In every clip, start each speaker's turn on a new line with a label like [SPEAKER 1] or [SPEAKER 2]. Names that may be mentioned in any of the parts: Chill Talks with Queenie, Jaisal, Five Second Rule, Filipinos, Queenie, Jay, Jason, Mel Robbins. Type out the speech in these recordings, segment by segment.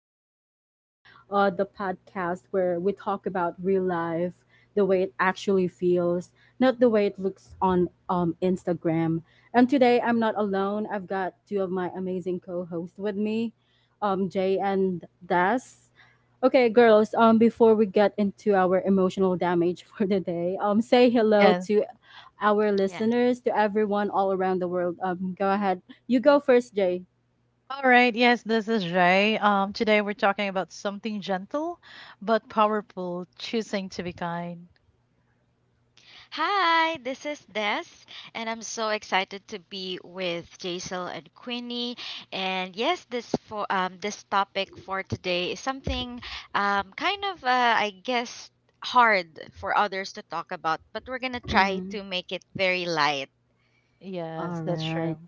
[SPEAKER 1] with Queenie, the podcast where we talk about real life, the way it actually feels, not the way it looks on Instagram. And today I'm not alone. I've got two of my amazing co-hosts with me, Jay and Das. Okay, girls. Before we get into our emotional damage for the day, say hello
[SPEAKER 2] Yes.
[SPEAKER 1] to our
[SPEAKER 3] Yeah.
[SPEAKER 1] listeners, to everyone all around the world. Go ahead. You go first, Jay.
[SPEAKER 2] All right. Yes, this is Jay. Today we're talking about something gentle but powerful, choosing to be kind.
[SPEAKER 3] Hi, this is Des, and I'm so excited to be with Jaisal and Queenie. And yes, this topic for today is something kind of I guess hard for others to talk about, but we're gonna try
[SPEAKER 1] Mm.
[SPEAKER 3] to make it very light.
[SPEAKER 2] Yes,
[SPEAKER 1] All
[SPEAKER 2] that's true.
[SPEAKER 1] right.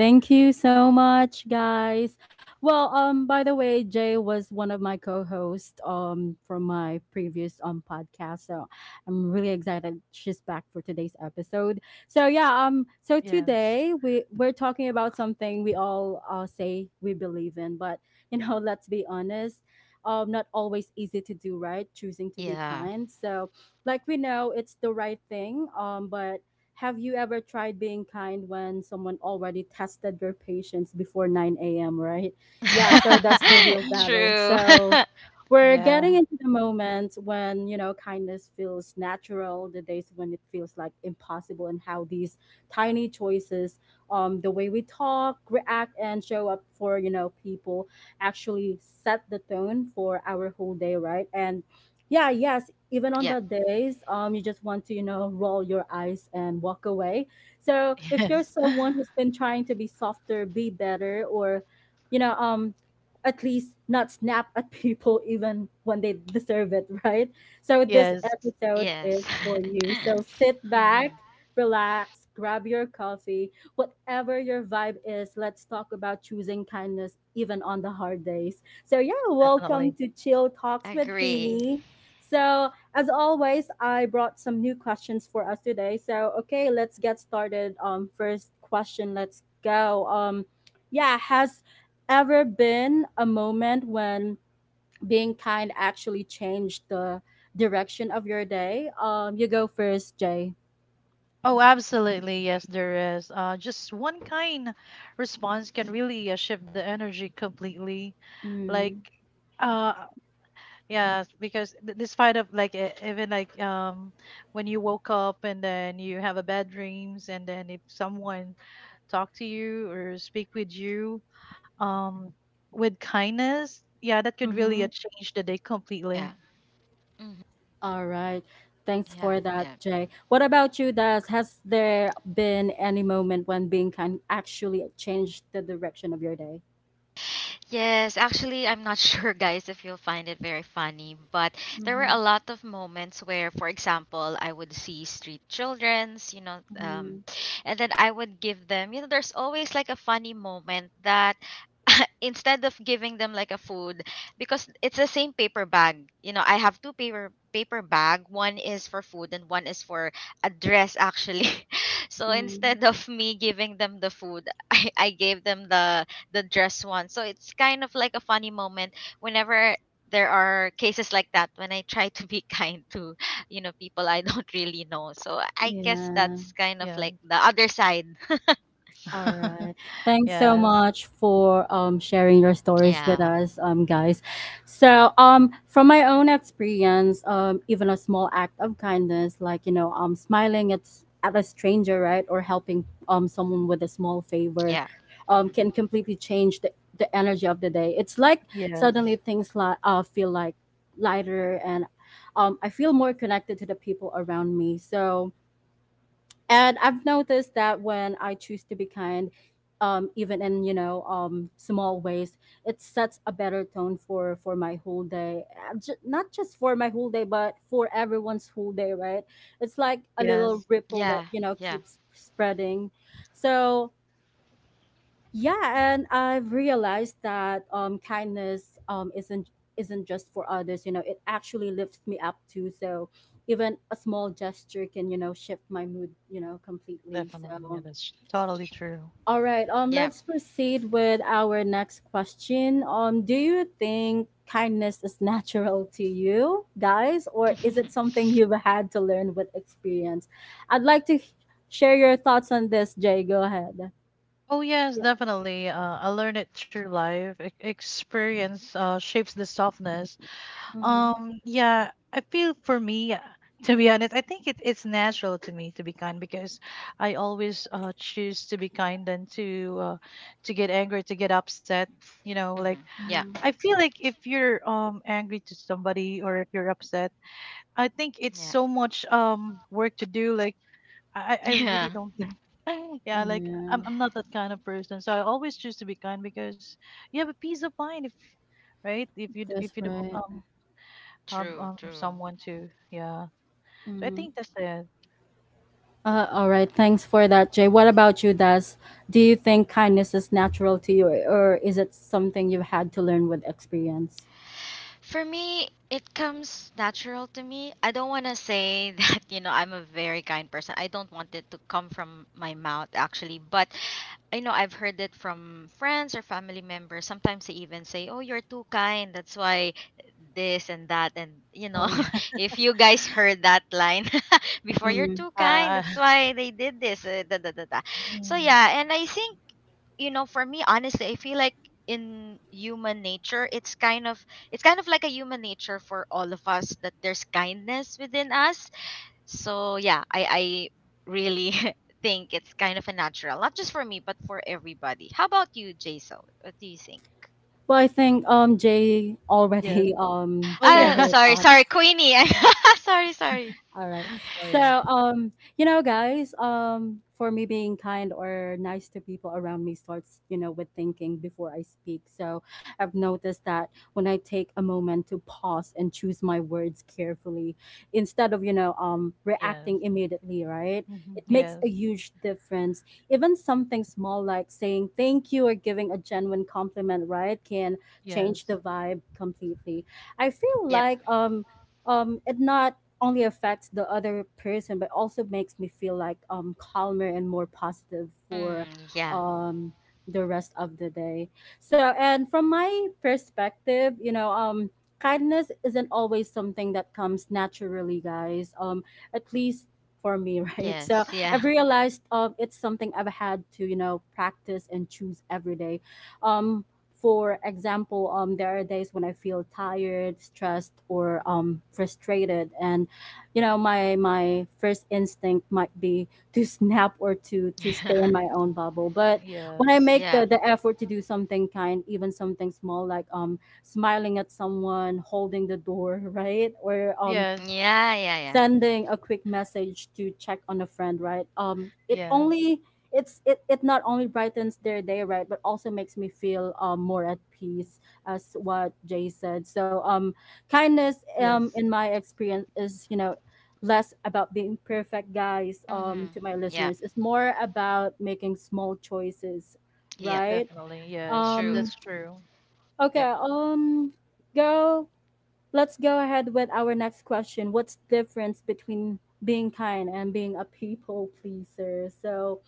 [SPEAKER 1] Thank you so much, guys. Well, by the way, Jay was one of my co-hosts from my previous podcast, so I'm really excited she's back for today's episode. So yeah, so
[SPEAKER 2] Yes.
[SPEAKER 1] today we're talking about something we all say we believe in, but let's be honest, not always easy to do, right? Choosing to be
[SPEAKER 3] Yeah.
[SPEAKER 1] kind. So, like we know, it's the right thing, but have you ever tried being kind when someone already tested your patience before 9 a.m., right? Yeah, so that's the real battle.
[SPEAKER 3] True.
[SPEAKER 1] So we're getting
[SPEAKER 2] Yeah.
[SPEAKER 1] into the moment when, you know, kindness feels natural, the days when it feels like impossible, and how these tiny choices, the way we talk, react, and show up for, you know, people actually set the tone for our whole day, right? And yeah, yes, even on
[SPEAKER 3] Yep.
[SPEAKER 1] that days, you just want to, you know, roll your eyes and walk away. So if you're
[SPEAKER 2] Yes.
[SPEAKER 1] someone who's been trying to be softer, be better, or, you know, um, at least not snap at people even when they deserve it, right? So this
[SPEAKER 2] Yes,
[SPEAKER 1] episode
[SPEAKER 3] Yes.
[SPEAKER 1] is for you. So sit
[SPEAKER 3] Hmm.
[SPEAKER 1] back, relax, grab your coffee, whatever your vibe is. Let's talk about choosing kindness even on the hard days. So yeah, welcome
[SPEAKER 2] definitely.
[SPEAKER 1] to Chill Talks with
[SPEAKER 3] Agree.
[SPEAKER 1] Queenie. So as always, I brought some new questions for us today. So, okay, let's get started. First question, let's go. Yeah, has ever been a moment when being kind actually changed the direction of your day? You go first, Jay.
[SPEAKER 2] Oh, absolutely. Yes, there is. Just one kind response can really shift the energy completely. Like,
[SPEAKER 1] Mm,
[SPEAKER 2] uh, yeah, because this fight of like even like when you woke up and then you have a bad dreams and then if someone talk to you or speak with you um with kindness, yeah, that could really
[SPEAKER 1] mm-hmm.
[SPEAKER 2] change the day completely.
[SPEAKER 3] Yeah. Hmm.
[SPEAKER 1] All right. Thanks
[SPEAKER 3] Yeah.
[SPEAKER 1] for
[SPEAKER 3] Yeah.
[SPEAKER 1] that, Jay. What about you, Des? Has there been any moment when being kind actually changed the direction of your day?
[SPEAKER 3] Yes, actually, I'm not sure, guys, if you'll find it very funny, but there were
[SPEAKER 1] Mm-hmm.
[SPEAKER 3] a lot of moments where, for example, I would see street children's, and then I would give them, there's always like a funny moment that, instead of giving them like a food, because it's the same paper bag. You know, I have two paper bag. One is for food and one is for a dress, actually. So
[SPEAKER 1] Mm,
[SPEAKER 3] instead of me giving them the food, I gave them the dress one. So it's kind of like a funny moment whenever there are cases like that when I try to be kind to, people I don't really know. So I guess
[SPEAKER 1] yeah.
[SPEAKER 3] that's kind of
[SPEAKER 2] Yeah.
[SPEAKER 3] like the other side.
[SPEAKER 1] All right. Thanks so
[SPEAKER 2] Yes.
[SPEAKER 1] much for sharing your stories with
[SPEAKER 3] Yeah.
[SPEAKER 1] us, guys. So from my own experience, even a small act of kindness, like you know, smiling at at a stranger, right, or helping someone with a small favor,
[SPEAKER 3] Yeah. Hmm.
[SPEAKER 1] can completely change the energy of the day. It's like
[SPEAKER 2] Yes.
[SPEAKER 1] suddenly things like feel like lighter and I feel more connected to the people around me. So and I've noticed that when I choose to be kind, even in small ways, it sets a better tone for my whole day. Not just for my whole day but for everyone's whole day, right? It's like a little
[SPEAKER 2] Yes.
[SPEAKER 1] ripple that
[SPEAKER 3] Yeah.
[SPEAKER 1] you know
[SPEAKER 3] Yeah.
[SPEAKER 1] keeps spreading. So yeah, and I've realized that kindness isn't just for others. You know, it actually lifts me up too. So even a small gesture can you know shift my mood. You know, completely.
[SPEAKER 2] Definitely. Yeah,
[SPEAKER 1] So
[SPEAKER 2] that's totally true.
[SPEAKER 1] all right,
[SPEAKER 3] Yeah.
[SPEAKER 1] let's proceed with our next question. Do you think kindness is natural to you guys, or is it something you've had to learn with experience? I'd like to share your thoughts on this, Jay. Go ahead.
[SPEAKER 2] Oh yes,
[SPEAKER 1] Yeah.
[SPEAKER 2] definitely. I learned it through life. Experience shapes the softness.
[SPEAKER 1] Mm-hmm.
[SPEAKER 2] Yeah, I feel for me, to be honest, I think it's natural to me to be kind because I always choose to be kind than to get angry, to get upset. You know, like
[SPEAKER 3] Hmm. Yeah.
[SPEAKER 1] Mm-hmm.
[SPEAKER 2] I feel like if you're angry to somebody or if you're upset, I think it's
[SPEAKER 3] Yeah.
[SPEAKER 2] so much work to do. Like I I I
[SPEAKER 3] Yeah.
[SPEAKER 2] really don't. Yeah, like I'm
[SPEAKER 1] Yeah,
[SPEAKER 2] I'm not that kind of person, so I always choose to be kind because you have a peace of mind if right if you if
[SPEAKER 1] that's
[SPEAKER 2] you don't
[SPEAKER 1] right.
[SPEAKER 2] have
[SPEAKER 3] True, true.
[SPEAKER 2] someone to yeah so I
[SPEAKER 1] Mm.
[SPEAKER 2] think that's it.
[SPEAKER 1] All right. Thanks for that, Jay. What about you, Das? Do you think kindness is natural to you, or is it something you've had to learn with experience?
[SPEAKER 3] For me, it comes natural to me. I don't want to say that, I'm a very kind person. I don't want it to come from my mouth, actually. But I know I've heard it from friends or family members. Sometimes they even say, "Oh, you're too kind. That's why this and that." And
[SPEAKER 2] Oh yeah.
[SPEAKER 3] if you guys heard that line before, "You're
[SPEAKER 1] Mm.
[SPEAKER 3] too kind.
[SPEAKER 2] uh
[SPEAKER 3] That's why they did this." Da, da, da, da. So
[SPEAKER 2] mm.
[SPEAKER 3] yeah, and I think, for me, honestly, I feel like in human nature, it's kind of like a human nature for all of us that there's kindness within us. So yeah, I really think it's kind of a natural, not just for me but for everybody. How about you, Jason? What do you think?
[SPEAKER 1] Well, I think Jay
[SPEAKER 2] Yes.
[SPEAKER 1] already
[SPEAKER 2] Oh
[SPEAKER 1] shared
[SPEAKER 3] Ah,
[SPEAKER 2] yeah.
[SPEAKER 1] her
[SPEAKER 3] sorry, sorry,
[SPEAKER 1] thoughts
[SPEAKER 3] Queenie. Sorry, sorry.
[SPEAKER 1] all right.
[SPEAKER 2] Oh
[SPEAKER 1] So,
[SPEAKER 2] yeah.
[SPEAKER 1] you know, guys, for me being kind or nice to people around me starts, you know, with thinking before I speak. So, I've noticed that when I take a moment to pause and choose my words carefully instead of, you know,
[SPEAKER 2] Yes.
[SPEAKER 1] reacting immediately, right?
[SPEAKER 2] Mhm.
[SPEAKER 1] It makes a
[SPEAKER 2] Yes.
[SPEAKER 1] huge difference. Even something small like saying thank you or giving a genuine compliment, right, can change
[SPEAKER 2] Yes.
[SPEAKER 1] the vibe completely. I feel
[SPEAKER 3] Yep.
[SPEAKER 1] like it not only affects the other person but also makes me feel like calmer and more positive for
[SPEAKER 3] Mm, yeah.
[SPEAKER 1] um the rest of the day. So and from my perspective you know, kindness isn't always something that comes naturally, guys, at least for me right?
[SPEAKER 3] Yes.
[SPEAKER 1] So
[SPEAKER 3] Yeah.
[SPEAKER 1] I've realized, it's something I've had to you know practice and choose every day. um for example, there are days when I feel tired, stressed, or frustrated, and you know my first instinct might be to snap or to stay in my own bubble. But when I
[SPEAKER 2] Yes.
[SPEAKER 1] make
[SPEAKER 3] Yeah.
[SPEAKER 1] the effort to do something kind, even something small like smiling at someone, holding the door, right, or
[SPEAKER 2] Yes.
[SPEAKER 3] Yeah. Yeah. Yeah.
[SPEAKER 1] sending a quick message to check on a friend, right,
[SPEAKER 2] Yes.
[SPEAKER 1] it's it not only brightens their day, right, but also makes me feel, more at peace as what Jay said. So kindness,
[SPEAKER 2] Yes.
[SPEAKER 1] in my experience, is you know less about being perfect, guys,
[SPEAKER 3] Mm-hmm.
[SPEAKER 1] to my
[SPEAKER 3] Yeah.
[SPEAKER 1] listeners, it's more about making small choices
[SPEAKER 3] Yep.
[SPEAKER 1] right.
[SPEAKER 2] Definitely. Yes,
[SPEAKER 3] True.
[SPEAKER 1] um
[SPEAKER 2] that's true.
[SPEAKER 3] Yep.
[SPEAKER 1] okay go. Let's go ahead with our next question. What's difference between being kind and being a people pleaser? So,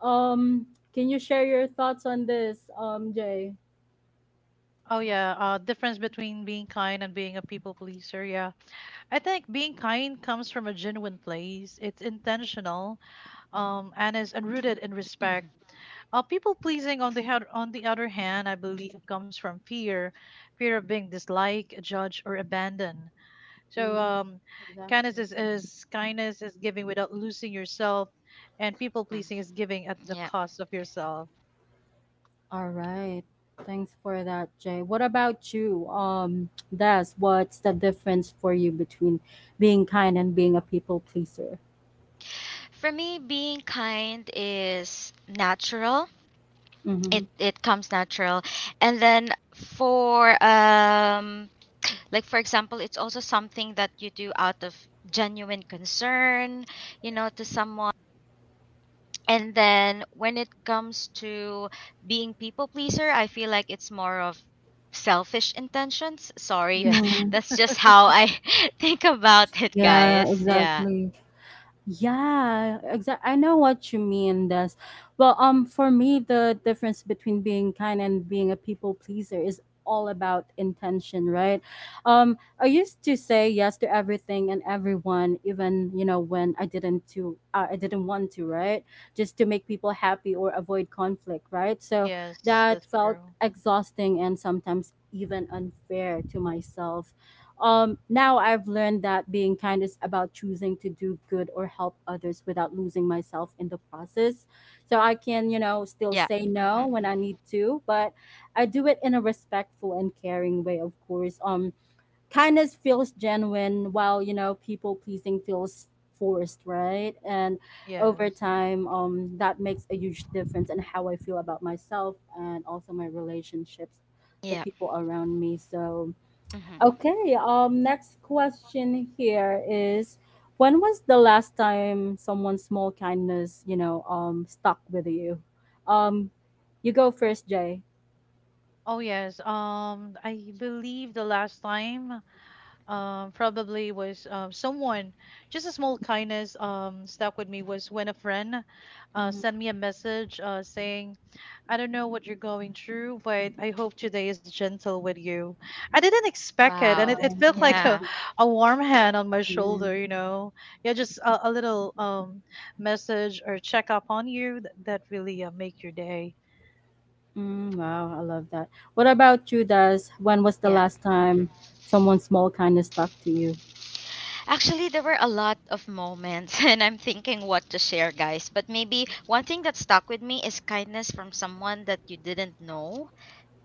[SPEAKER 1] um, can you share your thoughts on this, Jay?
[SPEAKER 2] Oh yeah. Difference between being kind and being a people pleaser. Yeah, I think being kind comes from a genuine place. It's intentional, and is unrooted in respect.
[SPEAKER 3] Mm-hmm.
[SPEAKER 2] People pleasing, on the head, on the other hand, I believe comes from fear, fear of being disliked, judged, or abandoned. So,
[SPEAKER 1] Mm,
[SPEAKER 2] kindness
[SPEAKER 1] exactly.
[SPEAKER 2] is giving without losing yourself, and people pleasing is giving at the
[SPEAKER 3] Yeah.
[SPEAKER 2] cost of yourself.
[SPEAKER 1] All right. Thanks for that, Jay. What about you? Des, what's the difference for you between being kind and being a people pleaser?
[SPEAKER 3] For me, being kind is natural.
[SPEAKER 1] Mm-hmm.
[SPEAKER 3] It comes natural. And then for like, for example, it's also something that you do out of genuine concern, to someone. And then when it comes to being people pleaser, I feel like it's more of selfish intentions. Sorry,
[SPEAKER 2] Yes.
[SPEAKER 1] Mm-hmm.
[SPEAKER 3] that's just how I think about it,
[SPEAKER 1] Yeah,
[SPEAKER 3] guys. Yeah.
[SPEAKER 1] exactly. Yeah, exactly. I know what you mean, Des. Well, for me, the difference between being kind and being a people pleaser is all about intention, right? I used to say yes to everything and everyone, even you know when I didn't to, I didn't want to, right? Just to make people happy or avoid conflict, right? So
[SPEAKER 2] Yes,
[SPEAKER 1] that
[SPEAKER 2] that's
[SPEAKER 1] felt
[SPEAKER 2] true.
[SPEAKER 1] exhausting and sometimes even unfair to myself. Now I've learned that being kind is about choosing to do good or help others without losing myself in the process. So I can, you know, still
[SPEAKER 3] Yeah.
[SPEAKER 1] say no
[SPEAKER 3] Mhm.
[SPEAKER 1] when I need to, but I do it in a respectful and caring way, of course. Kindness feels genuine while, you know, people pleasing feels forced, right? And over
[SPEAKER 2] Yes.
[SPEAKER 1] time, that makes a huge difference in how I feel about myself and also my relationships, the
[SPEAKER 3] Yeah.
[SPEAKER 1] people around me. So,
[SPEAKER 3] Mhm.
[SPEAKER 1] okay, next question here is when was the last time someone's small kindness, you know, stuck with you? Um you go first, Jay.
[SPEAKER 2] Oh yes. I believe the last time, probably was, someone, just a small kindness, stuck with me was when a friend
[SPEAKER 1] Mhm.
[SPEAKER 2] sent me a message saying, "I don't know what you're going through, but I hope today is gentle with you." I didn't expect it, and it,
[SPEAKER 3] Wow.
[SPEAKER 2] it
[SPEAKER 1] Wow.
[SPEAKER 2] felt like
[SPEAKER 3] Yeah.
[SPEAKER 2] a warm hand on my shoulder, you know? Yeah, just a little, message or check up on you that really make your day.
[SPEAKER 1] Mm, wow, I love that. What about you, Des? When was the
[SPEAKER 3] Yeah.
[SPEAKER 1] last
[SPEAKER 3] Mhm.
[SPEAKER 1] time someone small kind of stuck to you?
[SPEAKER 3] Actually, there were a lot of moments, and I'm thinking what to share, guys. But maybe one thing that stuck with me is kindness from someone that you didn't know.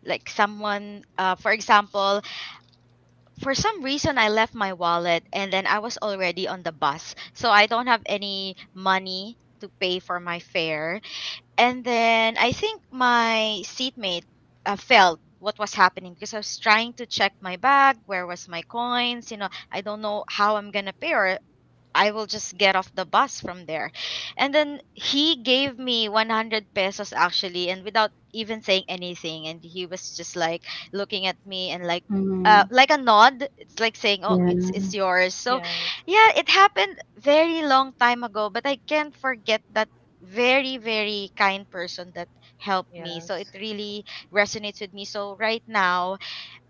[SPEAKER 3] Like someone, for example, for some reason I left my wallet and then I was already on the bus. So I don't have any money to pay for my fare. And then I think my seatmate felt what was happening because I was trying to check my bag, where was my coins. You know, I don't know how I'm gonna pay, or I will just get off the bus from there. And then he gave me 100 pesos, actually, and without even saying anything. And he was just like looking at me, and like uh,
[SPEAKER 1] Mm,
[SPEAKER 3] like a nod, it's like saying, "Oh, it's
[SPEAKER 1] yeah,
[SPEAKER 3] it's yours." So
[SPEAKER 2] Yes,
[SPEAKER 3] yeah, it happened very long time ago, but I can't forget that very, very kind person that helped me. So it
[SPEAKER 2] yes,
[SPEAKER 3] really resonates with me. So right now,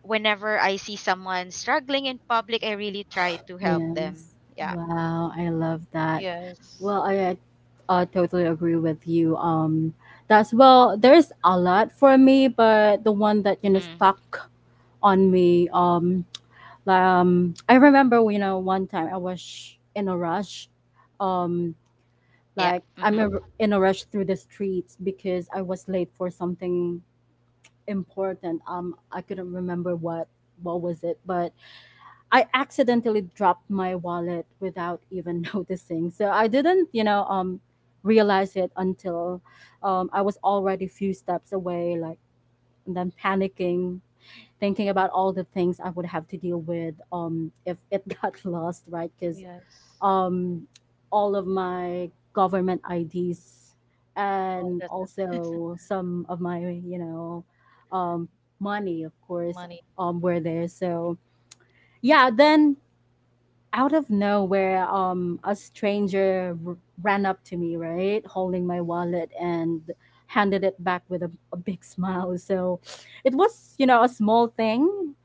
[SPEAKER 3] whenever I see someone struggling in public, I really try to help them.
[SPEAKER 1] yes.
[SPEAKER 3] Yeah.
[SPEAKER 1] Wow, I love that.
[SPEAKER 2] yes,
[SPEAKER 1] Well, I totally agree with you. That's well, there's a lot for me, but the one that you know
[SPEAKER 3] Mm-hmm.
[SPEAKER 1] stuck on me. I remember you know one time I was in a rush. Um,
[SPEAKER 3] Yeah. Mm-hmm.
[SPEAKER 1] in a rush through the streets because I was late for something important. I couldn't remember what was it, but I accidentally dropped my wallet without even noticing. So I didn't, you know, realize it until I was already a few steps away, like, and then panicking, thinking about all the things I would have to deal with, if it got lost, right? Because
[SPEAKER 2] yes.
[SPEAKER 1] um, all of my government IDs
[SPEAKER 2] Oh,
[SPEAKER 1] and
[SPEAKER 2] that's the
[SPEAKER 1] also some of my, you know, um, money, of course,
[SPEAKER 2] money.
[SPEAKER 1] were there. So yeah, then out of nowhere, a stranger ran up to me, right, holding my wallet and handed it back with a big smile. So it was, you know, a small thing.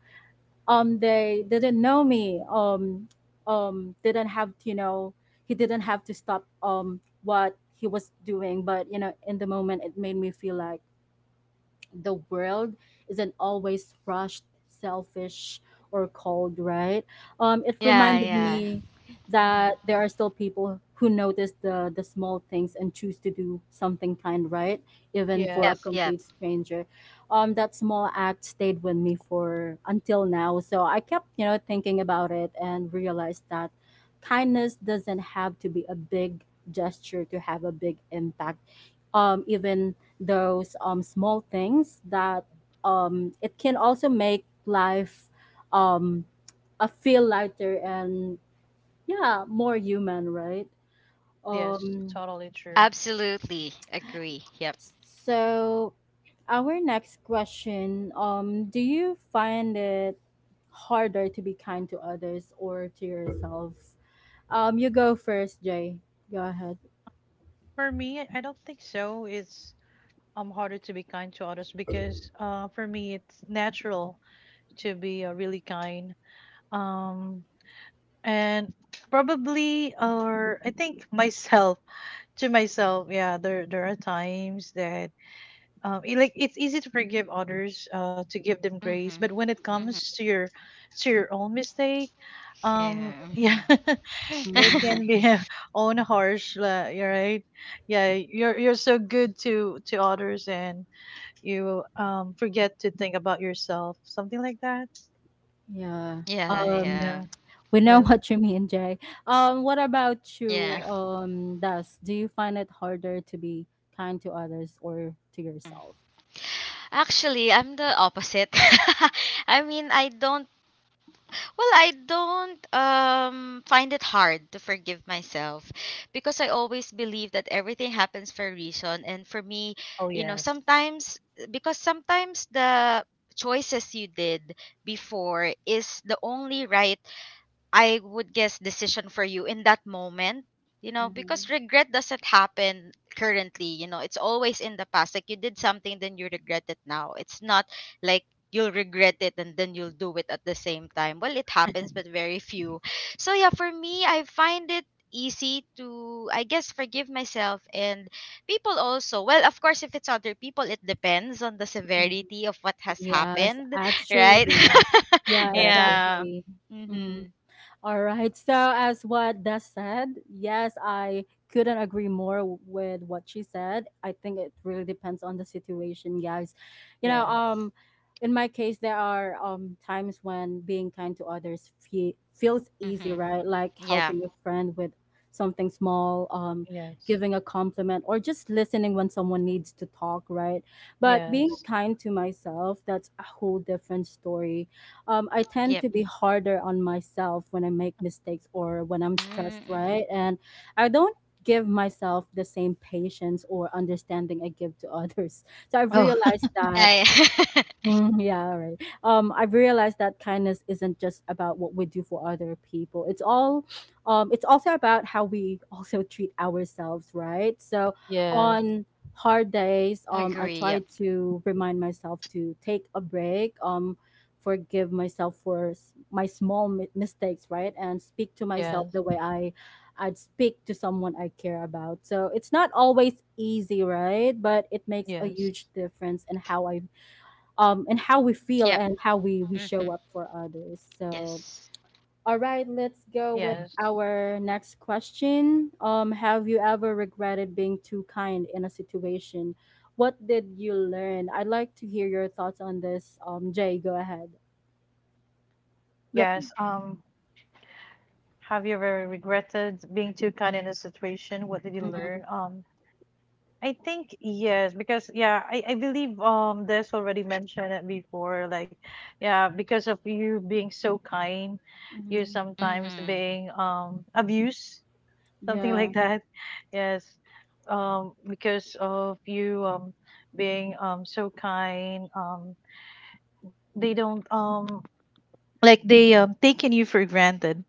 [SPEAKER 1] They didn't know me. Didn't have to, you know, he didn't have to stop what he was doing. But you know, in the moment, it made me feel like the world isn't always rushed, selfish, or cold, right? It
[SPEAKER 3] Yeah,
[SPEAKER 1] reminded
[SPEAKER 3] yeah.
[SPEAKER 1] me
[SPEAKER 3] Mm-hmm.
[SPEAKER 1] that there are still people who notice the small things and choose to do something kind, right? Even for a
[SPEAKER 3] Yep,
[SPEAKER 2] Yes,
[SPEAKER 3] yep.
[SPEAKER 1] complete stranger. That small act stayed with me for until now. So I kept, thinking about it and realized that kindness doesn't have to be a big gesture to have a big impact, even those small things that it can also make life um, a feel lighter and yeah, more human, right?
[SPEAKER 2] yes,
[SPEAKER 1] um
[SPEAKER 2] totally true.
[SPEAKER 3] Absolutely agree. Yep.
[SPEAKER 1] so our next question, do you find it harder to be kind to others or to yourself? You go first, Jay. Go ahead.
[SPEAKER 2] For me, I don't think so. It's harder to be kind to others because for me it's natural to be really kind. Um and probably or I think, myself, to myself, yeah, there are times that like it's easy to forgive others to give them grace, but
[SPEAKER 3] Mm-hmm.
[SPEAKER 2] when it comes
[SPEAKER 3] Mm-hmm.
[SPEAKER 2] to your own mistake,
[SPEAKER 3] Yeah.
[SPEAKER 2] yeah, it
[SPEAKER 3] Mm-hmm.
[SPEAKER 2] can
[SPEAKER 1] Mm,
[SPEAKER 2] be a own harsh, you're right. Yeah, you're so good to others and you forget to think about yourself, something like that.
[SPEAKER 1] yeah,
[SPEAKER 3] Yeah,
[SPEAKER 1] um
[SPEAKER 3] yeah.
[SPEAKER 2] Yeah.
[SPEAKER 1] we know
[SPEAKER 2] Yeah.
[SPEAKER 1] what you mean, Jay. What about you,
[SPEAKER 3] Yeah.
[SPEAKER 1] Das? Do you find it harder to be kind to others or to
[SPEAKER 3] Mm.
[SPEAKER 1] yourself?
[SPEAKER 3] Actually, I'm the opposite. I mean, I don't well, I don't find it hard to forgive myself, because I always believe that everything happens for a reason. And for me,
[SPEAKER 2] Oh yes.
[SPEAKER 3] sometimes, because sometimes the choices you did before is the only right, I would guess, decision for you in that moment,
[SPEAKER 1] Mm-hmm.
[SPEAKER 3] because regret doesn't happen currently. You know, it's always in the past. Like you did something, then you regret it now. It's not like you'll regret it and then you'll do it at the same time. Well, it happens, but very few. So, yeah, for me, I find it easy to, I guess, forgive myself and people also. Well, of course, if it's other people, it depends on the
[SPEAKER 1] Mm-hmm.
[SPEAKER 3] severity of what has
[SPEAKER 1] Yes,
[SPEAKER 3] happened, right?
[SPEAKER 1] actually.
[SPEAKER 2] Yes,
[SPEAKER 1] Yeah,
[SPEAKER 2] exactly.
[SPEAKER 3] Yeah.
[SPEAKER 1] exactly. Mhm.
[SPEAKER 3] Mm-hmm.
[SPEAKER 1] All right. So, as what Des said, yes, I couldn't agree more with what she said. I think it really depends on the situation, guys. You know,
[SPEAKER 2] Yes.
[SPEAKER 1] in my case, there are times when being kind to others feels easy,
[SPEAKER 3] Mm-hmm.
[SPEAKER 1] right? Like
[SPEAKER 3] Yeah.
[SPEAKER 1] helping a friend with something small,
[SPEAKER 2] Yes.
[SPEAKER 1] giving a compliment, or just listening when someone needs to talk, right? But being
[SPEAKER 2] Yes.
[SPEAKER 1] kind to myself, that's a whole different story. I tend
[SPEAKER 3] Yep.
[SPEAKER 1] to be harder on myself when I make mistakes or when I'm stressed,
[SPEAKER 3] Mm-hmm.
[SPEAKER 1] right? And I don't give myself the same patience or understanding I give to others. So I've
[SPEAKER 2] Oh.
[SPEAKER 1] realized that.
[SPEAKER 3] Yeah. Yeah.
[SPEAKER 1] Mm, yeah, right. I've realized that kindness isn't just about what we do for other people. It's also about how we also treat ourselves, right? So
[SPEAKER 2] Yes,
[SPEAKER 1] on hard days, I
[SPEAKER 3] Agree.
[SPEAKER 1] try
[SPEAKER 3] Yep.
[SPEAKER 1] to remind myself to take a break, forgive myself for my small mistakes, right, and speak to myself
[SPEAKER 2] yes.
[SPEAKER 1] the way I'd speak to someone I care about. So it's not always easy, right? But it makes a
[SPEAKER 2] Yes.
[SPEAKER 1] huge difference in how I, and how we feel
[SPEAKER 3] Yep.
[SPEAKER 1] and how we
[SPEAKER 3] Mm-hmm.
[SPEAKER 1] show up for others. So,
[SPEAKER 3] Yes.
[SPEAKER 1] all right, let's go with
[SPEAKER 2] Yes.
[SPEAKER 1] our next question. Have you ever regretted being too kind in a situation? What did you learn? I'd like to hear your thoughts on this. Jay, go ahead. Yep.
[SPEAKER 2] Yes. Have you ever regretted being too kind in a situation? What did you learn? I think yes, because yeah, I believe there's already mentioned it before, like yeah, because of you being so kind, you
[SPEAKER 1] Mm-hmm.
[SPEAKER 2] sometimes
[SPEAKER 3] Mm-hmm.
[SPEAKER 2] being abused, something
[SPEAKER 1] Yeah.
[SPEAKER 2] like that. Yes. Because of you being so kind, they don't, like they, taken you for granted,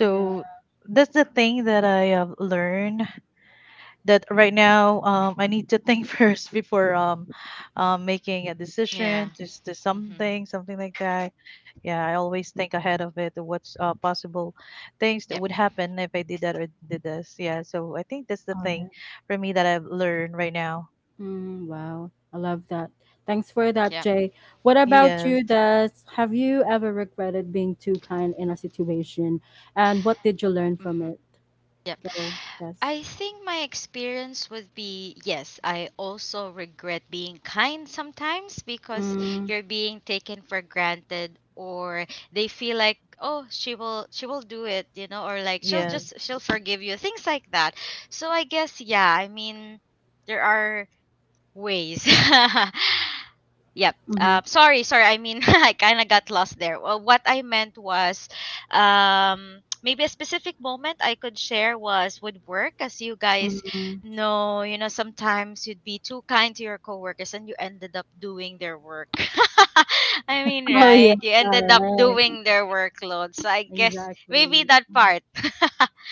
[SPEAKER 1] Yeah.
[SPEAKER 2] that's the thing that I learned, that right now, I need to think first before, making a
[SPEAKER 3] Yeah.
[SPEAKER 2] decision to, to
[SPEAKER 3] Mm-hmm.
[SPEAKER 2] something, something like that. Yeah, I always think ahead of it what's possible things that
[SPEAKER 3] Yep.
[SPEAKER 2] would happen if I did that or did this. Yeah, so I think that's the
[SPEAKER 1] All
[SPEAKER 2] thing
[SPEAKER 1] right.
[SPEAKER 2] for me that I've learned right now.
[SPEAKER 1] Mm, wow, I love that. Thanks for that,
[SPEAKER 3] Yep.
[SPEAKER 1] Jay. What about you,
[SPEAKER 2] Yes.
[SPEAKER 1] Des? Have you ever regretted being too kind in a situation, and what did you learn from
[SPEAKER 3] Mm-hmm.
[SPEAKER 1] it?
[SPEAKER 3] Yep.
[SPEAKER 1] Go, Des.
[SPEAKER 3] I think my experience would be yes, I also regret being kind sometimes because
[SPEAKER 1] Mm,
[SPEAKER 3] you're being taken for granted, or they feel like, "Oh, she will do it," or like
[SPEAKER 2] Yes.
[SPEAKER 3] she'll forgive you, things like that. So I guess, yeah, I mean, there are ways. Yep.
[SPEAKER 1] mm-hmm,
[SPEAKER 3] Sorry, sorry. I mean, I kind of got lost there. Well, what I meant was, um, maybe a specific moment I could share was with work, as you guys
[SPEAKER 1] mm-hmm.
[SPEAKER 3] know. You know, sometimes you'd be too kind to your coworkers, and you ended up doing their work. I mean,
[SPEAKER 1] Oh yeah,
[SPEAKER 3] right? You
[SPEAKER 1] all
[SPEAKER 3] ended up
[SPEAKER 1] right,
[SPEAKER 3] doing their workload. So I guess maybe
[SPEAKER 1] exactly.
[SPEAKER 3] that
[SPEAKER 1] Mm-hmm.
[SPEAKER 3] part,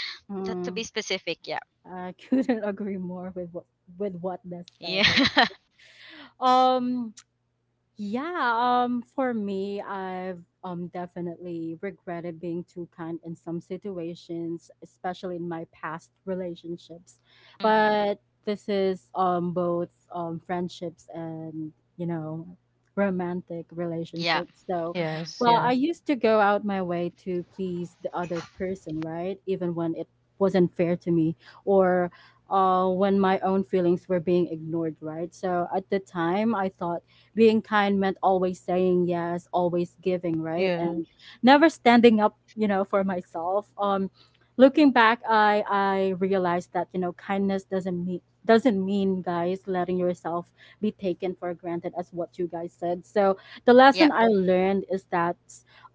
[SPEAKER 3] that to
[SPEAKER 1] Mm,
[SPEAKER 3] be specific. Yeah.
[SPEAKER 1] I couldn't agree more with what Des said.
[SPEAKER 3] Yeah.
[SPEAKER 1] Right? Um, yeah, for me, I've definitely regretted being too kind in some situations, especially in my past relationships.
[SPEAKER 3] Mhm.
[SPEAKER 1] But this is both friendships and, you know, romantic
[SPEAKER 3] Yeah.
[SPEAKER 1] relationships. So,
[SPEAKER 3] Mhm.
[SPEAKER 2] Yes.
[SPEAKER 1] well,
[SPEAKER 2] Yes.
[SPEAKER 1] I used to go out my way to please the other person, right? Even when it wasn't fair to me, or when my own feelings were being ignored, right? So at the time, I thought being kind meant always saying yes, always giving, right?
[SPEAKER 2] Yes.
[SPEAKER 1] And never standing up, you know, for myself. Looking back, I realized that, you know, kindness doesn't mean doesn't mean, guys, letting yourself be taken for granted, as what you guys said. So the lesson I learned is that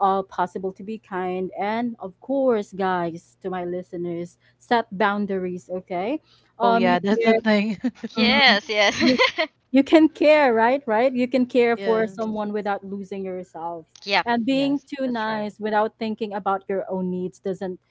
[SPEAKER 1] possible to be kind, and of course, guys, to my listeners, set boundaries, okay?
[SPEAKER 2] Oh
[SPEAKER 1] Um, you
[SPEAKER 2] yeah. That's the
[SPEAKER 1] care.
[SPEAKER 2] thing.
[SPEAKER 1] Mhm.
[SPEAKER 3] Yes, yes.
[SPEAKER 1] you you can care, right? You can care for
[SPEAKER 2] Yes.
[SPEAKER 1] someone without losing yourself,
[SPEAKER 3] Yep.
[SPEAKER 1] and
[SPEAKER 2] Yes,
[SPEAKER 1] being too
[SPEAKER 2] that's right.
[SPEAKER 1] nice without thinking about your own needs doesn't,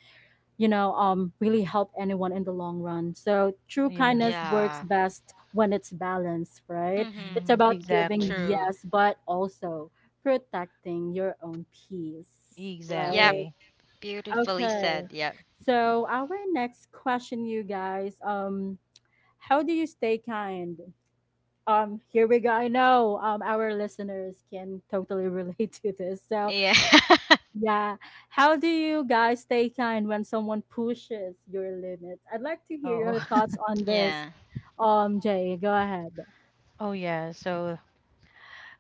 [SPEAKER 1] you know, um, really help anyone in the long run. So true
[SPEAKER 2] Yeah.
[SPEAKER 1] kindness works
[SPEAKER 3] Yeah.
[SPEAKER 1] best when it's balanced, right?
[SPEAKER 3] Mm-hmm.
[SPEAKER 1] It's
[SPEAKER 2] Mm,
[SPEAKER 1] about giving,
[SPEAKER 2] exactly.
[SPEAKER 3] True.
[SPEAKER 1] yes, but also protecting your own peace,
[SPEAKER 3] Yep.
[SPEAKER 1] right?
[SPEAKER 2] Exactly.
[SPEAKER 3] Beautifully said.
[SPEAKER 1] Okay,
[SPEAKER 3] Yep.
[SPEAKER 1] so our next question, you guys, um, how do you stay kind? Um, here we go. I know, our listeners can totally relate to this. So,
[SPEAKER 3] Yeah.
[SPEAKER 1] yeah. How do you guys stay kind when someone pushes your limits? I'd like to hear
[SPEAKER 2] Oh.
[SPEAKER 1] your thoughts on this.
[SPEAKER 3] Yeah.
[SPEAKER 1] Jay, go ahead.
[SPEAKER 2] Oh yeah. So,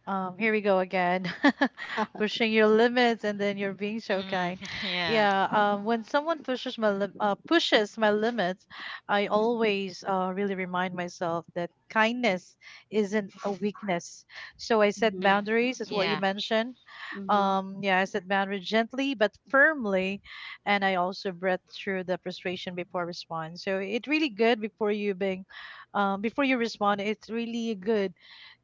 [SPEAKER 2] Here we go again, pushing your limits, and then you're being so
[SPEAKER 3] Mm-hmm.
[SPEAKER 2] kind.
[SPEAKER 3] Yeah.
[SPEAKER 2] Yeah, when someone pushes my limits, I always really remind myself that kindness isn't a weakness. So I set
[SPEAKER 1] Mm-hmm.
[SPEAKER 3] Mm.
[SPEAKER 2] boundaries, is what you
[SPEAKER 3] Yeah.
[SPEAKER 2] mentioned.
[SPEAKER 1] Mm-hmm.
[SPEAKER 2] Yeah, I set boundaries gently but firmly, and I also breathe through the frustration before response. So it really good before you being, before you respond. It's really good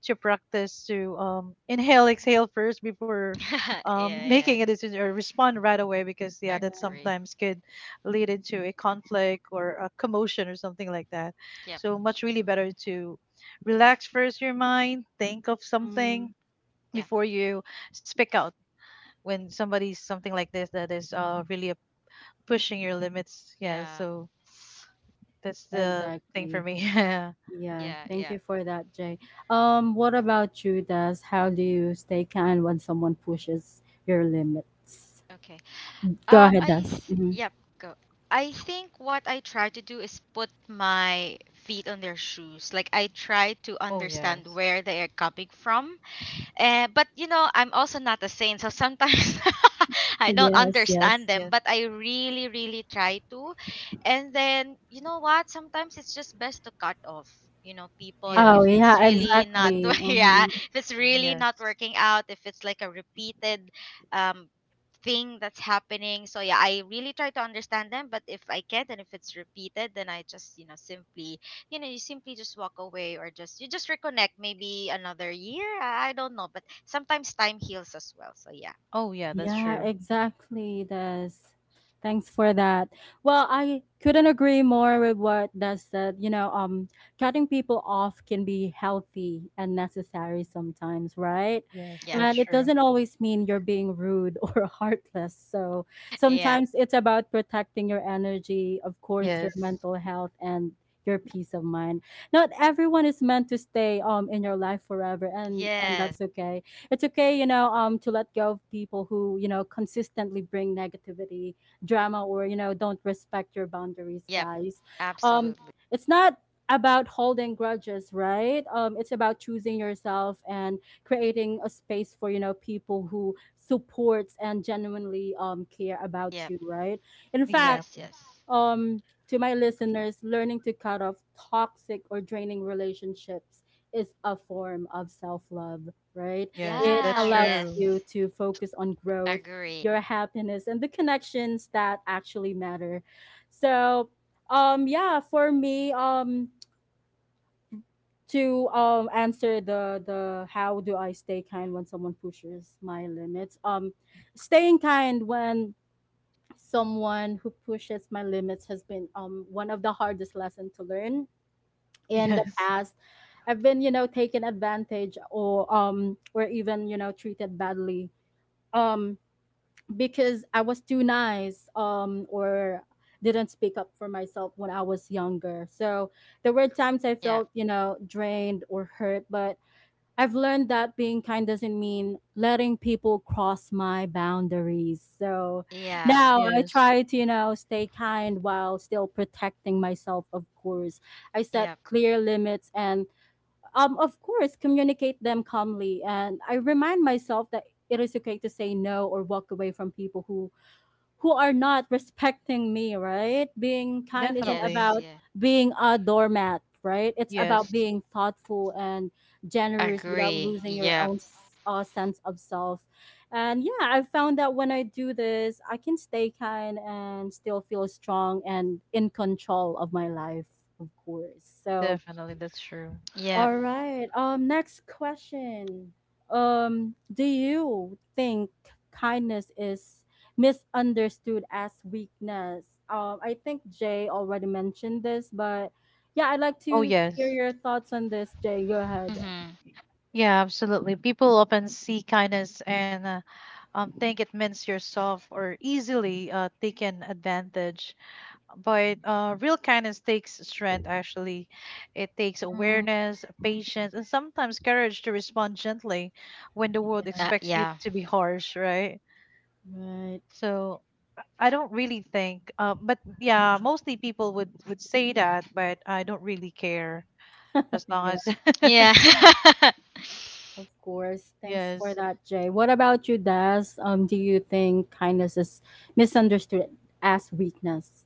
[SPEAKER 2] to practice to inhale, exhale first before
[SPEAKER 3] Yeah, yeah.
[SPEAKER 2] making a decision or respond right away because yeah,
[SPEAKER 1] Yeah,
[SPEAKER 2] that
[SPEAKER 3] Agree.
[SPEAKER 2] sometimes could lead into a conflict or a commotion or something like that.
[SPEAKER 3] Yep.
[SPEAKER 2] So much really better to relax first your mind, think of something
[SPEAKER 1] mm,
[SPEAKER 3] Yeah.
[SPEAKER 2] before you speak out when somebody's something like this that is really pushing your limits. Yeah,
[SPEAKER 3] Yeah.
[SPEAKER 2] so that's the thing for
[SPEAKER 1] exactly.
[SPEAKER 2] me.
[SPEAKER 1] Yeah,
[SPEAKER 3] Yeah,
[SPEAKER 1] thank
[SPEAKER 3] yeah.
[SPEAKER 1] you for that, Jay. What about you, Das? How do you stay kind when someone pushes your limits?
[SPEAKER 3] Okay.
[SPEAKER 1] Go ahead, Das. Hmm.
[SPEAKER 3] Yep, go. I think what I try to do is put my feet on their shoes. Like I try to
[SPEAKER 2] Oh
[SPEAKER 3] understand
[SPEAKER 2] yes.
[SPEAKER 3] where they are coming from. And But I'm also not a saint, so sometimes, I don't
[SPEAKER 1] Yes,
[SPEAKER 3] understand
[SPEAKER 1] yes.
[SPEAKER 3] them,
[SPEAKER 2] Yes.
[SPEAKER 3] but I really, really try to. And then you know what? Sometimes it's just best to cut off. You know, people, if
[SPEAKER 1] Oh,
[SPEAKER 2] Yes.
[SPEAKER 3] it's
[SPEAKER 1] yeah,
[SPEAKER 3] really not,
[SPEAKER 1] exactly.
[SPEAKER 3] yeah,
[SPEAKER 1] Hmm.
[SPEAKER 3] if it's really not
[SPEAKER 2] Yes.
[SPEAKER 3] working out, if it's like a repeated um thing that's happening. So yeah, I really try to understand them, but if I can't and if it's repeated, then I just, simply, you simply just walk away, or just you just reconnect maybe another year. I don't know, but sometimes time heals as well. So yeah.
[SPEAKER 2] Oh yeah, that's
[SPEAKER 1] Yeah,
[SPEAKER 2] true.
[SPEAKER 1] exactly, Des. Thanks for that. Well, I couldn't agree more with what Des said. You know, cutting people off can be healthy and necessary sometimes, right?
[SPEAKER 2] Yes,
[SPEAKER 3] Yeah.
[SPEAKER 2] that's
[SPEAKER 1] And it
[SPEAKER 2] true.
[SPEAKER 1] doesn't always mean you're being rude or heartless. So
[SPEAKER 3] Yeah.
[SPEAKER 1] sometimes it's about protecting your energy, of course, your
[SPEAKER 2] Yes,
[SPEAKER 1] mental health, and your peace of mind. Not everyone is meant to stay in your life forever, and that's
[SPEAKER 3] Yes.
[SPEAKER 1] okay. It's okay, you know, to let go of people who, you know, consistently bring negativity, drama, or, you know, don't respect your boundaries,
[SPEAKER 3] Yep.
[SPEAKER 1] guys. Um,
[SPEAKER 3] Absolutely.
[SPEAKER 1] it's not about holding grudges, right? It's about choosing yourself and creating a space for, you know, people who supports and genuinely, care
[SPEAKER 3] Yep.
[SPEAKER 1] about you, right? In
[SPEAKER 3] Yes,
[SPEAKER 1] fact,
[SPEAKER 3] yes.
[SPEAKER 2] exactly.
[SPEAKER 1] um, to my listeners, learning to cut off toxic or draining relationships is a form of self love, right?
[SPEAKER 2] Yes,
[SPEAKER 1] It
[SPEAKER 2] that's
[SPEAKER 3] Yeah, yes.
[SPEAKER 1] allows
[SPEAKER 2] true.
[SPEAKER 1] you to focus on growth,
[SPEAKER 3] Agree.
[SPEAKER 1] your happiness, and the connections that actually matter. So, yeah, for me, to answer the how do I stay kind when someone pushes my limits? Staying kind when someone who pushes my limits has been, one of the hardest lessons to learn. In the
[SPEAKER 2] Yes,
[SPEAKER 1] past, I've been, you know, taken advantage, or even, you know, treated badly, um because I was too nice, or didn't speak up for myself when I was younger. So there were times I
[SPEAKER 3] Yeah.
[SPEAKER 1] felt, you know, drained or hurt, but I've learned that being kind doesn't mean letting people cross my boundaries. So
[SPEAKER 3] Yeah.
[SPEAKER 1] now I
[SPEAKER 2] yes,
[SPEAKER 1] try to, you know, stay kind while still protecting myself, of course. I set
[SPEAKER 3] Yep.
[SPEAKER 1] clear limits and, of course, communicate them calmly. And I remind myself that it is okay to say no or walk away from people who are not respecting me, right? Being kind isn't
[SPEAKER 2] definitely.
[SPEAKER 3] Yes,
[SPEAKER 1] about
[SPEAKER 3] yeah.
[SPEAKER 1] being a doormat, right? It's about
[SPEAKER 2] Yes,
[SPEAKER 1] being thoughtful and generous without
[SPEAKER 3] Agree.
[SPEAKER 1] losing your
[SPEAKER 3] Yep.
[SPEAKER 1] own sense of self. And yeah, I found that when I do this, I can stay kind and still feel strong and in control of my life, of course. So,
[SPEAKER 2] definitely. That's true.
[SPEAKER 3] Yep.
[SPEAKER 1] all right. Next question. Do you think kindness is misunderstood as weakness? I think Jay already mentioned this, but yeah, I'd like
[SPEAKER 2] Oh,
[SPEAKER 1] to hear
[SPEAKER 2] yes.
[SPEAKER 1] your thoughts on this, Jay. Go ahead.
[SPEAKER 3] Mhm.
[SPEAKER 2] Yeah, absolutely. People often see kindness and, think it means you're soft or easily taken advantage. But real kindness takes strength, actually. It takes
[SPEAKER 1] Mm,
[SPEAKER 2] awareness, patience, and sometimes courage to respond gently when the world
[SPEAKER 1] yeah,
[SPEAKER 2] expects you
[SPEAKER 3] Yeah.
[SPEAKER 2] to be harsh, right?
[SPEAKER 1] right.
[SPEAKER 2] So I don't really think, but yeah, mostly people would say that, but I don't really care as long
[SPEAKER 1] Yeah.
[SPEAKER 2] as.
[SPEAKER 3] Yeah.
[SPEAKER 1] Of course. Thanks for
[SPEAKER 2] Yes.
[SPEAKER 1] that, Jay. What about you, Des? Do you think kindness is misunderstood as weakness?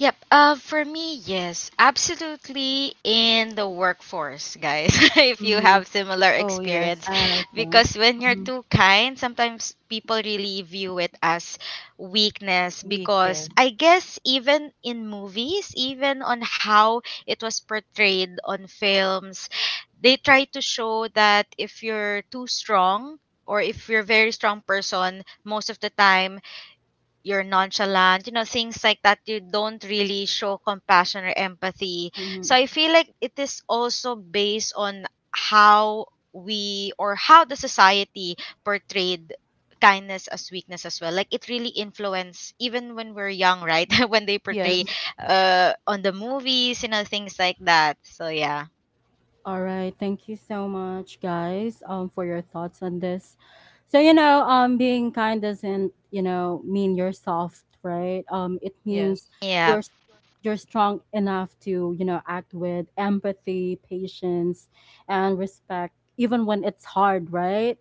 [SPEAKER 3] Yep. For me, yes, absolutely in the workforce, guys. If you
[SPEAKER 1] Mm,
[SPEAKER 3] have similar
[SPEAKER 2] Oh
[SPEAKER 3] experience,
[SPEAKER 2] yes.
[SPEAKER 1] ah, okay.
[SPEAKER 3] because when you're
[SPEAKER 1] Mm-hmm.
[SPEAKER 3] too kind, sometimes people really view it as weakness.
[SPEAKER 2] Weak,
[SPEAKER 3] Because
[SPEAKER 2] yes.
[SPEAKER 3] I guess even in movies, even on how it was portrayed on films, they try to show that if you're too strong or if you're a very strong person, most of the time you're nonchalant, things like that. You don't really show compassion or empathy.
[SPEAKER 1] Mm-hmm.
[SPEAKER 3] So I feel like it is also based on how we or how the society portrayed kindness as weakness as well, like it really influence even when we're young, right? When they portray
[SPEAKER 2] Yes.
[SPEAKER 3] on the movies, things like that. So yeah.
[SPEAKER 1] All right. Thank you so much, guys, for your thoughts on this. So, you know, being kind doesn't, you know, mean you're soft, right? It
[SPEAKER 2] Yes.
[SPEAKER 1] means
[SPEAKER 3] Yeah.
[SPEAKER 1] you're you're strong enough to, you know, act with empathy, patience, and respect, even when it's hard, right?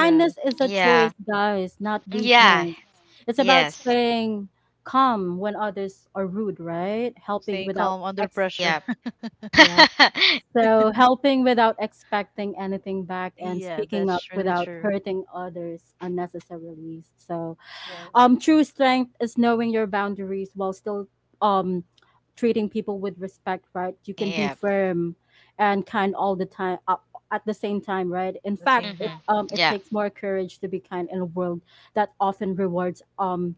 [SPEAKER 2] Yes.
[SPEAKER 1] is a
[SPEAKER 3] Yeah.
[SPEAKER 1] choice, guys, not
[SPEAKER 3] Yeah.
[SPEAKER 1] weakness. It's about
[SPEAKER 3] Yes.
[SPEAKER 1] staying calm when others are rude, right? Helping
[SPEAKER 2] Staying
[SPEAKER 1] without
[SPEAKER 2] calm under
[SPEAKER 1] ex
[SPEAKER 2] pressure.
[SPEAKER 3] Yep.
[SPEAKER 1] yeah, so helping without expecting anything back and
[SPEAKER 2] Yeah,
[SPEAKER 1] speaking up
[SPEAKER 2] that's really
[SPEAKER 1] without
[SPEAKER 2] true.
[SPEAKER 1] hurting others unnecessarily. So,
[SPEAKER 2] Yes,
[SPEAKER 1] true strength is knowing your boundaries while still, um, treating people with respect, right? You can be
[SPEAKER 3] Yep.
[SPEAKER 1] firm and kind all the time, at the same time, right? In
[SPEAKER 2] the
[SPEAKER 1] fact,
[SPEAKER 2] same
[SPEAKER 1] it
[SPEAKER 2] thing.
[SPEAKER 3] Mhm.
[SPEAKER 1] it
[SPEAKER 3] Yeah.
[SPEAKER 1] takes more courage to be kind in a world that often rewards, um,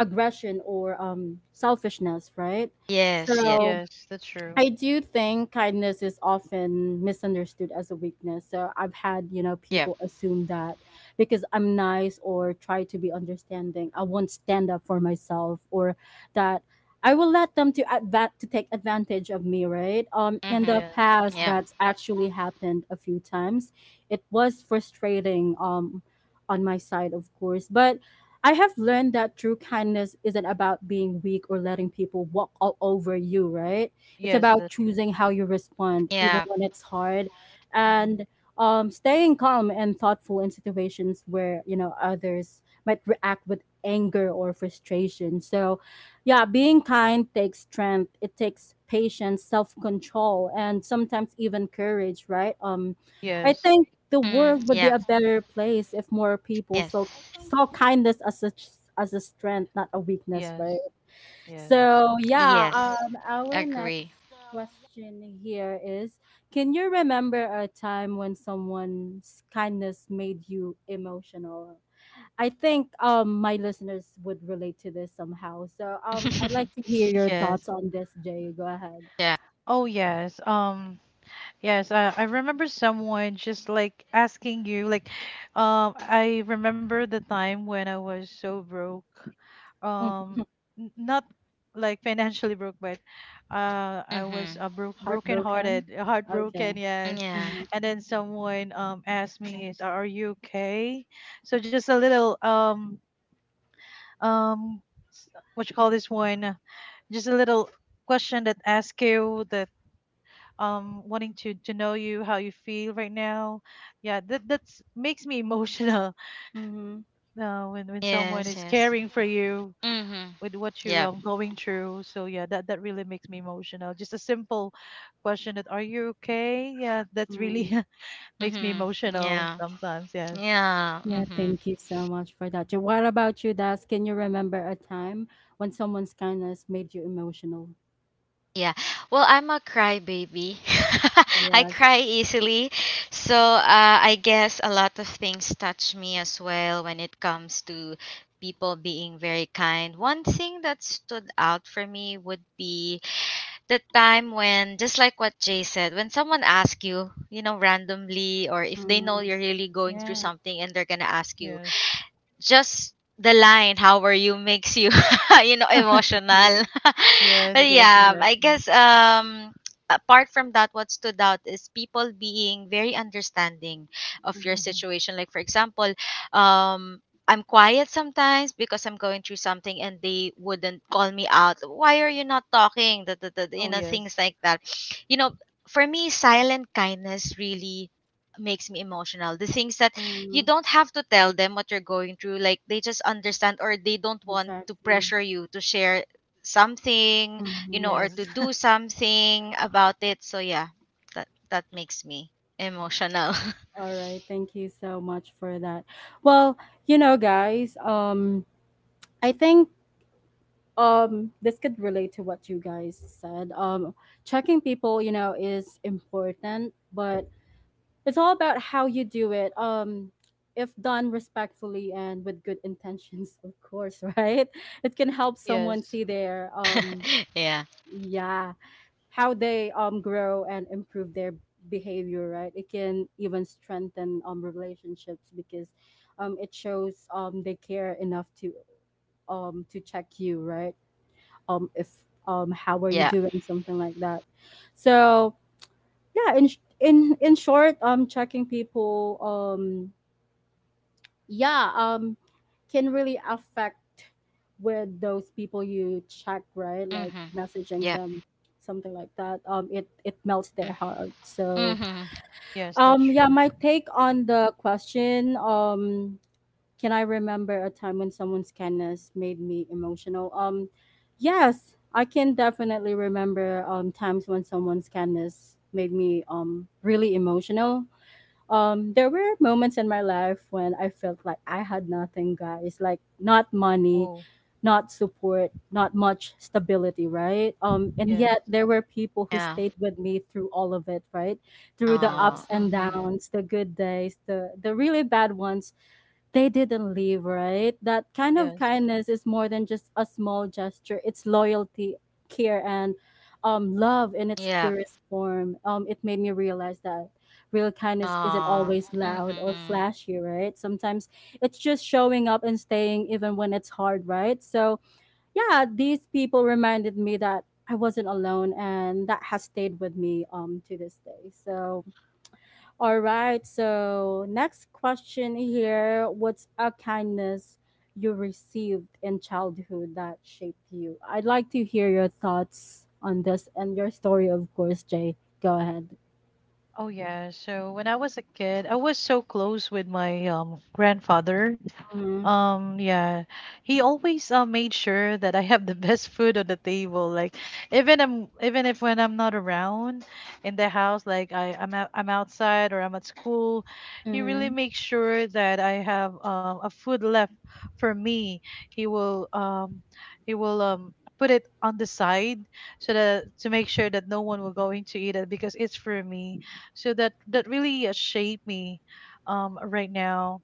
[SPEAKER 1] aggression or, um, selfishness, right?
[SPEAKER 3] Yes. Yes.
[SPEAKER 1] So
[SPEAKER 2] Yes, that's true.
[SPEAKER 1] I do think kindness is often misunderstood as a weakness. So I've had, you know,
[SPEAKER 3] Yep.
[SPEAKER 1] people assume that because I'm nice or try to be understanding, I won't stand up for myself, or that I will let them to to take advantage of me, right? Um, in the
[SPEAKER 3] Mhm.
[SPEAKER 2] Yes,
[SPEAKER 1] past
[SPEAKER 3] Yeah.
[SPEAKER 1] that's actually happened a few times. It was frustrating, on my side, of course, but I have learned that true kindness isn't about being weak or letting people walk all over you, right? It's
[SPEAKER 2] yes,
[SPEAKER 1] about
[SPEAKER 2] that's true.
[SPEAKER 1] choosing how you respond, even
[SPEAKER 3] Yeah.
[SPEAKER 1] when it's hard,
[SPEAKER 2] Hmm.
[SPEAKER 1] and, staying calm and thoughtful in situations where you know others might react with anger or frustration. So, yeah, being kind takes strength. It takes patience, self-control, and
[SPEAKER 3] Mm,
[SPEAKER 1] sometimes
[SPEAKER 3] yeah.
[SPEAKER 1] even courage, right? I
[SPEAKER 3] Yes.
[SPEAKER 2] Yes.
[SPEAKER 1] think the world would be a better place if more people saw kindness as a strength, not a weakness,
[SPEAKER 2] Yes.
[SPEAKER 1] right?
[SPEAKER 3] Yes. Agree.
[SPEAKER 2] Yes.
[SPEAKER 1] So yeah, our next question here is: can you remember a time when someone's kindness made you emotional? I think, um, my listeners would relate to this somehow. So, I'd like to hear your
[SPEAKER 2] Yes.
[SPEAKER 1] thoughts on this, Jay. Go ahead.
[SPEAKER 3] Yeah.
[SPEAKER 2] Oh yes. Yes, I remember someone just like asking you, like, I remember the time when I was so broke,
[SPEAKER 1] Mhm.
[SPEAKER 2] um, not like financially broke, but I was
[SPEAKER 3] Mhm.
[SPEAKER 2] broke, broken
[SPEAKER 1] Heartbroken.
[SPEAKER 2] hearted, heartbroken,
[SPEAKER 1] Okay.
[SPEAKER 2] yes.
[SPEAKER 3] Yeah.
[SPEAKER 1] Mm-hmm.
[SPEAKER 2] And then someone asked me, is, "Are you okay?" So just a little, um, s- what you call this one? Just a little question that asks you, that wanting to know you how you feel right now, yeah, that that's makes me emotional.
[SPEAKER 1] Mm-hmm.
[SPEAKER 2] When someone
[SPEAKER 3] Yes.
[SPEAKER 2] is
[SPEAKER 3] Yes.
[SPEAKER 2] caring for you
[SPEAKER 3] Mhm.
[SPEAKER 2] with what you
[SPEAKER 3] Yeah.
[SPEAKER 2] going through, so yeah, that that really makes me emotional. Just a simple question that are you okay, yeah, that really
[SPEAKER 1] Mm.
[SPEAKER 2] makes me
[SPEAKER 3] Mhm.
[SPEAKER 2] emotional
[SPEAKER 3] Yeah.
[SPEAKER 2] sometimes. Yes.
[SPEAKER 3] Yeah.
[SPEAKER 1] Yeah,
[SPEAKER 3] Mhm.
[SPEAKER 1] thank you so much for that. What about you, Das? Can you remember a time when someone's kindness made you emotional?
[SPEAKER 3] Yeah. Well, I'm a crybaby. I
[SPEAKER 1] Yes.
[SPEAKER 3] cry easily. So, I guess a lot of things touch me as well when it comes to people being very kind. One thing that stood out for me would be the time when, just like what Jay said, when someone asks you, randomly, or if they know
[SPEAKER 1] Mm,
[SPEAKER 3] you're really going through
[SPEAKER 1] yeah,
[SPEAKER 3] something and they're gonna ask you,
[SPEAKER 2] Yes.
[SPEAKER 3] just the line "how are you" makes you, emotional.
[SPEAKER 1] mm,
[SPEAKER 2] Yes.
[SPEAKER 3] But
[SPEAKER 1] that's
[SPEAKER 2] Yes,
[SPEAKER 3] yeah,
[SPEAKER 1] right.
[SPEAKER 3] I
[SPEAKER 2] exactly.
[SPEAKER 3] guess, apart from that, what stood out is people being very understanding of your
[SPEAKER 1] Mhm,
[SPEAKER 2] Hmm.
[SPEAKER 3] situation. Like, for example, um I'm quiet sometimes because I'm going through something, and they wouldn't call me out. "Why are you not talking? Da, da, da, da." You
[SPEAKER 2] Oh
[SPEAKER 3] know,
[SPEAKER 2] yes.
[SPEAKER 3] things like that. You know, for me, silent kindness really makes me emotional. The things that you
[SPEAKER 1] mhm,
[SPEAKER 3] don't have to tell them what you're going through, like, they just understand, or they don't want to
[SPEAKER 1] exactly.
[SPEAKER 3] pressure you to share something,
[SPEAKER 1] Mhm.
[SPEAKER 3] or to
[SPEAKER 2] Yes.
[SPEAKER 3] do something about it. So yeah, that makes me emotional.
[SPEAKER 1] All right, thank you so much for that. Well, you know, guys, I think this could relate to what you guys said. Checking people, you know, is important, but it's all about how you do it. If done respectfully and with good intentions, of course, right? It can help someone
[SPEAKER 2] Yes.
[SPEAKER 1] see their
[SPEAKER 3] Yeah.
[SPEAKER 1] yeah how they grow and improve their behavior, right? It can even strengthen relationships because it shows they care enough to check you, right? If How are you
[SPEAKER 3] Yeah.
[SPEAKER 1] doing, something like that? So yeah, in sh- in short, checking people, yeah um can really affect with those people you check, right? Like
[SPEAKER 3] Mhm.
[SPEAKER 1] messaging
[SPEAKER 3] Yeah.
[SPEAKER 1] them, something like that. It melts their heart. So
[SPEAKER 3] Mhm.
[SPEAKER 2] Yes, that's
[SPEAKER 1] yeah,
[SPEAKER 2] true.
[SPEAKER 1] my take on the question, can I remember a time when someone's kindness made me emotional? Yes, I can definitely remember times when someone's kindness made me really emotional. There were moments in my life when I felt like I had nothing, guys. Like not money,
[SPEAKER 2] Oh
[SPEAKER 1] not support, not much stability, right? And
[SPEAKER 2] yes.
[SPEAKER 1] yet there were people who
[SPEAKER 3] Yeah.
[SPEAKER 1] stayed with me through all of it, right? Through the
[SPEAKER 3] Oh,
[SPEAKER 1] ups
[SPEAKER 2] Yes.
[SPEAKER 1] and
[SPEAKER 3] mhm.
[SPEAKER 1] downs, the good days, the really bad ones. They didn't leave, right? That kind of
[SPEAKER 2] Yes.
[SPEAKER 1] kindness is more than just a small gesture. It's loyalty, care, and love in its
[SPEAKER 3] Yeah.
[SPEAKER 1] purest form. It made me realize that real kindness isn't
[SPEAKER 3] Oh,
[SPEAKER 1] always loud or
[SPEAKER 3] mhm.
[SPEAKER 1] flashy, right? Sometimes it's just showing up and staying even when it's hard, right? So yeah, these people reminded me that I wasn't alone, and that has stayed with me to this day. So, all right. So, next question here: what's a kindness you received in childhood that shaped you? I'd like to hear your thoughts on this and your story, of course, Jay. Go ahead.
[SPEAKER 2] Oh yeah. So when I was a kid, I was so close with my grandfather.
[SPEAKER 1] Mm-hmm.
[SPEAKER 2] Yeah, he always made sure that I have the best food on the table. Like, even I'm even if when I'm not around in the house, like I'm out, I'm outside or I'm at school, he really
[SPEAKER 1] Mm-hmm.
[SPEAKER 2] makes sure that I have a food left for me. He will, put it on the side so that to make sure that no one will going to eat it because it's for me. So that really shaped me right now,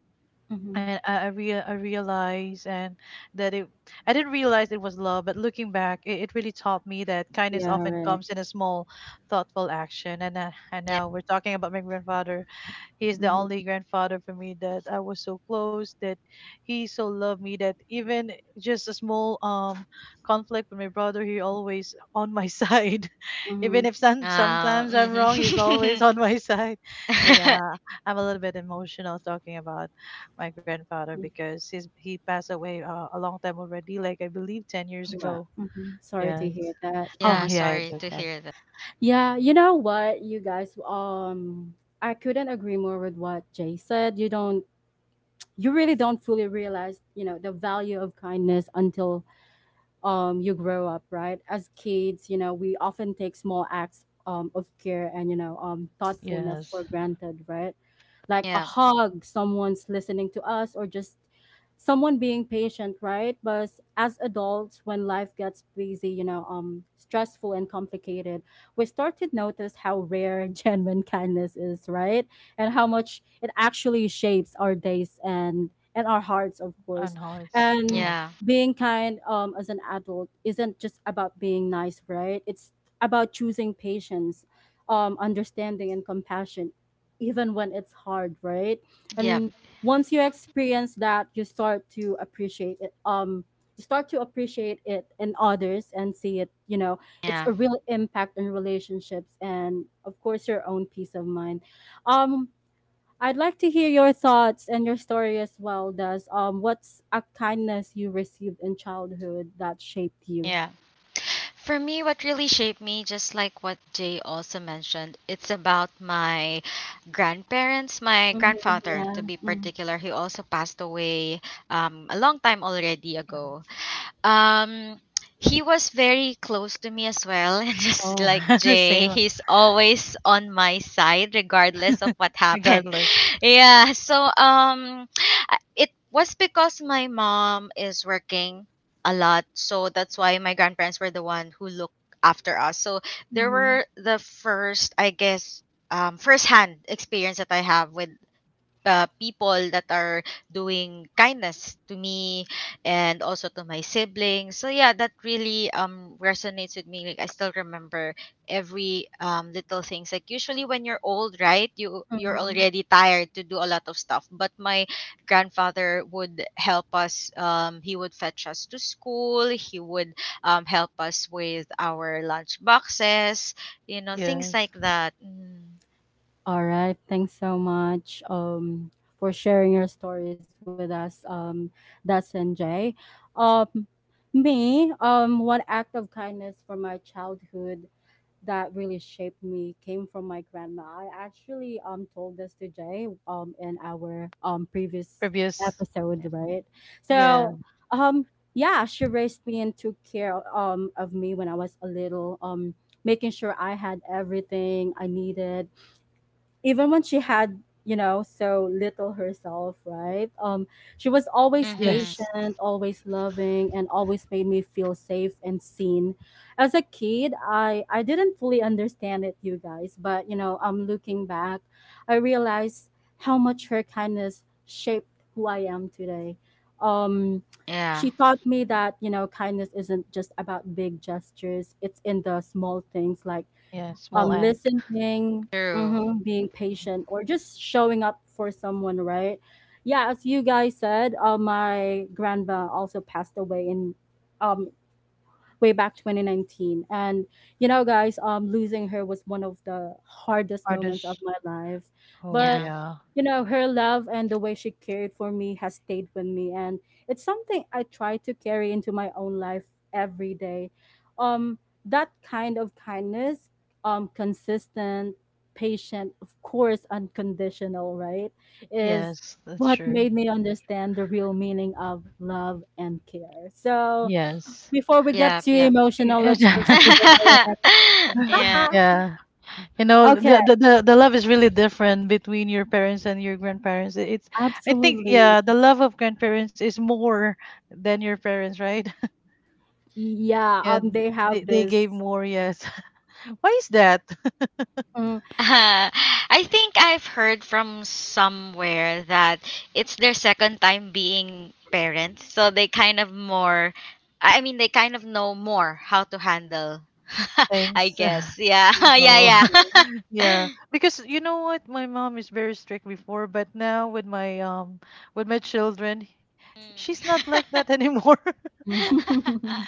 [SPEAKER 1] Mm-hmm.
[SPEAKER 2] and I realized and that it I didn't realize it was love, but looking back, it really taught me that kindness
[SPEAKER 1] Yeah,
[SPEAKER 2] often
[SPEAKER 1] right.
[SPEAKER 2] comes in a small, thoughtful action. And
[SPEAKER 3] Yeah.
[SPEAKER 2] now we're talking about my grandfather. He is the
[SPEAKER 1] Mm-hmm.
[SPEAKER 2] only grandfather for me that I was so close that he so loved me that even just a small conflict with my brother, he always on my side. Even
[SPEAKER 1] Mm-hmm.
[SPEAKER 2] if sometimes I'm wrong, he's always
[SPEAKER 3] Mhm.
[SPEAKER 2] on my side. So yeah, I'm a little bit emotional talking about my grandfather
[SPEAKER 1] Mm-hmm.
[SPEAKER 2] because he passed away a long time already, like I believe 10 years
[SPEAKER 1] Wow.
[SPEAKER 2] ago.
[SPEAKER 1] Mm-hmm. Sorry to
[SPEAKER 2] Yes.
[SPEAKER 1] hear that.
[SPEAKER 2] Oh
[SPEAKER 3] Yeah.
[SPEAKER 1] Uh-huh.
[SPEAKER 2] yeah, it's
[SPEAKER 3] Sorry to
[SPEAKER 2] okay.
[SPEAKER 3] hear that.
[SPEAKER 1] Yeah, you know what, you guys, I couldn't agree more with what Jay said. You don't, you really don't fully realize, you know, the value of kindness until you grow up, right? As kids, you know, we often take small acts of care and, you know, thoughtfulness
[SPEAKER 2] Yes.
[SPEAKER 1] for granted, right? Like a
[SPEAKER 3] Yeah.
[SPEAKER 1] hug, someone's listening to us, or just someone being patient, right? But as adults, when life gets busy, you know, stressful and complicated, we start to notice how rare genuine kindness is, right? And how much it actually shapes our days and our hearts, of
[SPEAKER 2] And
[SPEAKER 1] course.
[SPEAKER 2] hearts.
[SPEAKER 1] And
[SPEAKER 2] Yes.
[SPEAKER 3] Yeah.
[SPEAKER 1] being kind as an adult isn't just about being nice, right? It's about choosing patience, understanding, and compassion, even when it's hard, right?
[SPEAKER 3] Yeah.
[SPEAKER 1] And once you experience that, you start to appreciate it. You start to appreciate it in others and see it. You know, it's
[SPEAKER 3] Yeah.
[SPEAKER 1] a real impact in relationships and, of course, your own peace of mind. Um, I'd like to hear your thoughts and your story as well, Does. What's a kindness you received in childhood that shaped you?
[SPEAKER 3] Yeah. For me, what really shaped me, just like what Jay also mentioned, it's about my grandparents, my
[SPEAKER 1] Mm-hmm,
[SPEAKER 3] grandfather to
[SPEAKER 1] yeah.
[SPEAKER 3] be particular. He also passed away a long time already
[SPEAKER 2] Um.
[SPEAKER 3] ago. Um, he was very close to me as well, and just
[SPEAKER 2] Oh.
[SPEAKER 3] like Jay,
[SPEAKER 2] Same.
[SPEAKER 3] he's always on my side regardless of what happened.
[SPEAKER 2] Regardless.
[SPEAKER 3] Yeah. So it was because my mom is working a lot, so that's why my grandparents were the one who looked after us. So they
[SPEAKER 1] Mm-hmm,
[SPEAKER 3] were the first, I guess, first-hand experience that I have with people that are doing kindness to me and also to my siblings. So yeah, that really resonates with me. Like, I still remember every little things. Like, usually when you're old, right, you're
[SPEAKER 1] mm-hmm.
[SPEAKER 3] already tired to do a lot of stuff. But my grandfather would help us. He would fetch us to school. He would help us with our lunch boxes. Things
[SPEAKER 2] Yes.
[SPEAKER 3] like that. Mm.
[SPEAKER 1] All right. Thanks so much for sharing your stories with us, Das and Jay. Um, me, one act of kindness from my childhood that really shaped me came from my grandma. I actually told this to Jay in our previous
[SPEAKER 2] Previous.
[SPEAKER 1] episode,
[SPEAKER 2] Yeah.
[SPEAKER 1] right?
[SPEAKER 2] Yeah.
[SPEAKER 1] So um yeah, she raised me and took care of me when I was a little, making sure I had everything I needed even when she had, you know, so little herself, right? She was always
[SPEAKER 3] Mm-hmm.
[SPEAKER 2] Yes.
[SPEAKER 1] patient, always loving, and always made me feel safe and seen. As a kid, I didn't fully understand it, you guys, but you know, I'm looking back, I realized how much her kindness shaped who I am today. um
[SPEAKER 3] Yeah.
[SPEAKER 1] she taught me that, you know, kindness isn't just about big gestures. It's in the small things, like
[SPEAKER 2] Yeah. Small act.
[SPEAKER 1] listening,
[SPEAKER 3] True.
[SPEAKER 1] mhm, being patient, or just showing up for someone, right? Yeah, as you guys said, my grandma also passed away in um way back 2019, and you know, guys, losing her was one of the hardest moments of
[SPEAKER 2] Artist.
[SPEAKER 1] my life.
[SPEAKER 2] Oh
[SPEAKER 3] Yeah.
[SPEAKER 1] But
[SPEAKER 2] yeah.
[SPEAKER 1] you know, her love and the way she cared for me has stayed with me, and it's something I try to carry into my own life every day. um that kind of kindness, consistent, patient, of course, unconditional, right, is
[SPEAKER 2] Yes, that's
[SPEAKER 1] what
[SPEAKER 2] true.
[SPEAKER 1] made me understand the real meaning of love and care. So
[SPEAKER 2] Yes.
[SPEAKER 1] before we get
[SPEAKER 3] Yeah,
[SPEAKER 1] too
[SPEAKER 3] yeah.
[SPEAKER 1] emotional, let's proceed with our next question.
[SPEAKER 3] Yeah.
[SPEAKER 2] Yeah. You know,
[SPEAKER 1] Okay,
[SPEAKER 2] the love is really different between your parents and your grandparents. It's, I think,
[SPEAKER 1] absolutely.
[SPEAKER 2] yeah, the love of grandparents is more than your parents, right?
[SPEAKER 1] Yeah,
[SPEAKER 2] Yeah,
[SPEAKER 1] they
[SPEAKER 2] they
[SPEAKER 1] have
[SPEAKER 2] they gave
[SPEAKER 1] this.
[SPEAKER 2] more, yes. Why is that?
[SPEAKER 1] Mm,
[SPEAKER 3] Uh, I think I've heard from somewhere that it's their second time being parents, so they kind of more I mean they kind of know more how to handle. I
[SPEAKER 2] Thanks.
[SPEAKER 3] guess. Yeah.
[SPEAKER 1] yeah,
[SPEAKER 3] Yeah,
[SPEAKER 2] Oh.
[SPEAKER 1] that's
[SPEAKER 3] yeah.
[SPEAKER 1] right.
[SPEAKER 2] Yeah. Because you know what, my mom is very strict before, but now with my, children,
[SPEAKER 3] Mm.
[SPEAKER 2] she's not like that anymore.
[SPEAKER 1] Mm.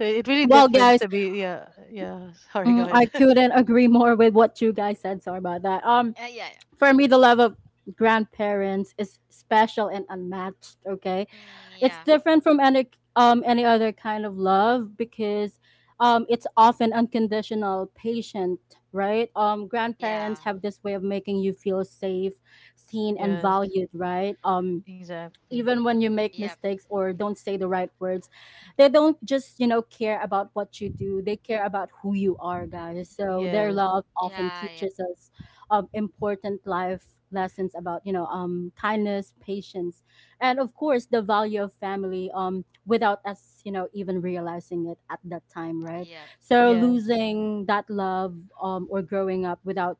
[SPEAKER 2] So it really
[SPEAKER 1] Well,
[SPEAKER 2] differs
[SPEAKER 1] guys,
[SPEAKER 2] to be yeah, yeah. Sorry, go
[SPEAKER 1] mm, I
[SPEAKER 2] ahead.
[SPEAKER 1] couldn't agree more with what you guys said. Sorry about that.
[SPEAKER 3] Yeah. Yeah.
[SPEAKER 1] For me, the love of grandparents is special and unmatched. Okay.
[SPEAKER 3] Mm, yeah.
[SPEAKER 1] It's different from any other kind of love because it's often unconditional, patient, right?
[SPEAKER 3] Yeah.
[SPEAKER 1] Grandparents have this way of making you feel safe, seen, and
[SPEAKER 2] Yes.
[SPEAKER 1] valued, right?
[SPEAKER 2] Exactly.
[SPEAKER 1] Even when you make
[SPEAKER 3] Yep.
[SPEAKER 1] mistakes or don't say the right words, they don't just, you know, care about what you do. They care about who you are, guys. So their
[SPEAKER 2] Yes.
[SPEAKER 1] love often
[SPEAKER 3] Yeah, yeah.
[SPEAKER 1] teaches us important life lessons about, you know, kindness, patience, and of course, the value of family, without us, you know, even realizing it at that time, right?
[SPEAKER 3] Yep.
[SPEAKER 1] So
[SPEAKER 2] Yes.
[SPEAKER 1] losing that love, or growing up without,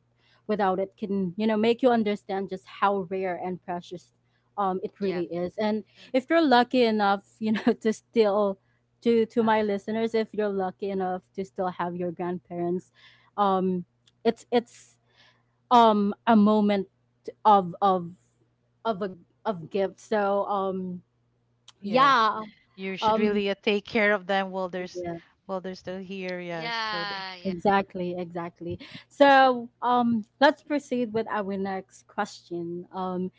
[SPEAKER 1] without it, can, you know, make you understand just how rare and precious it really
[SPEAKER 3] Yep.
[SPEAKER 1] is. And
[SPEAKER 3] Mm.
[SPEAKER 1] if you're lucky enough, you know, to still, to
[SPEAKER 2] Ah,
[SPEAKER 1] my listeners, if you're lucky enough to still have your grandparents, um, it's a moment of of of a of gift. So
[SPEAKER 2] yes.
[SPEAKER 1] yeah,
[SPEAKER 2] You should
[SPEAKER 1] um
[SPEAKER 2] really take care of them while there's
[SPEAKER 1] yeah,
[SPEAKER 2] while they're still here. Yes. So
[SPEAKER 3] Yeah, yeah.
[SPEAKER 1] exactly, exactly. So let's proceed with our next question.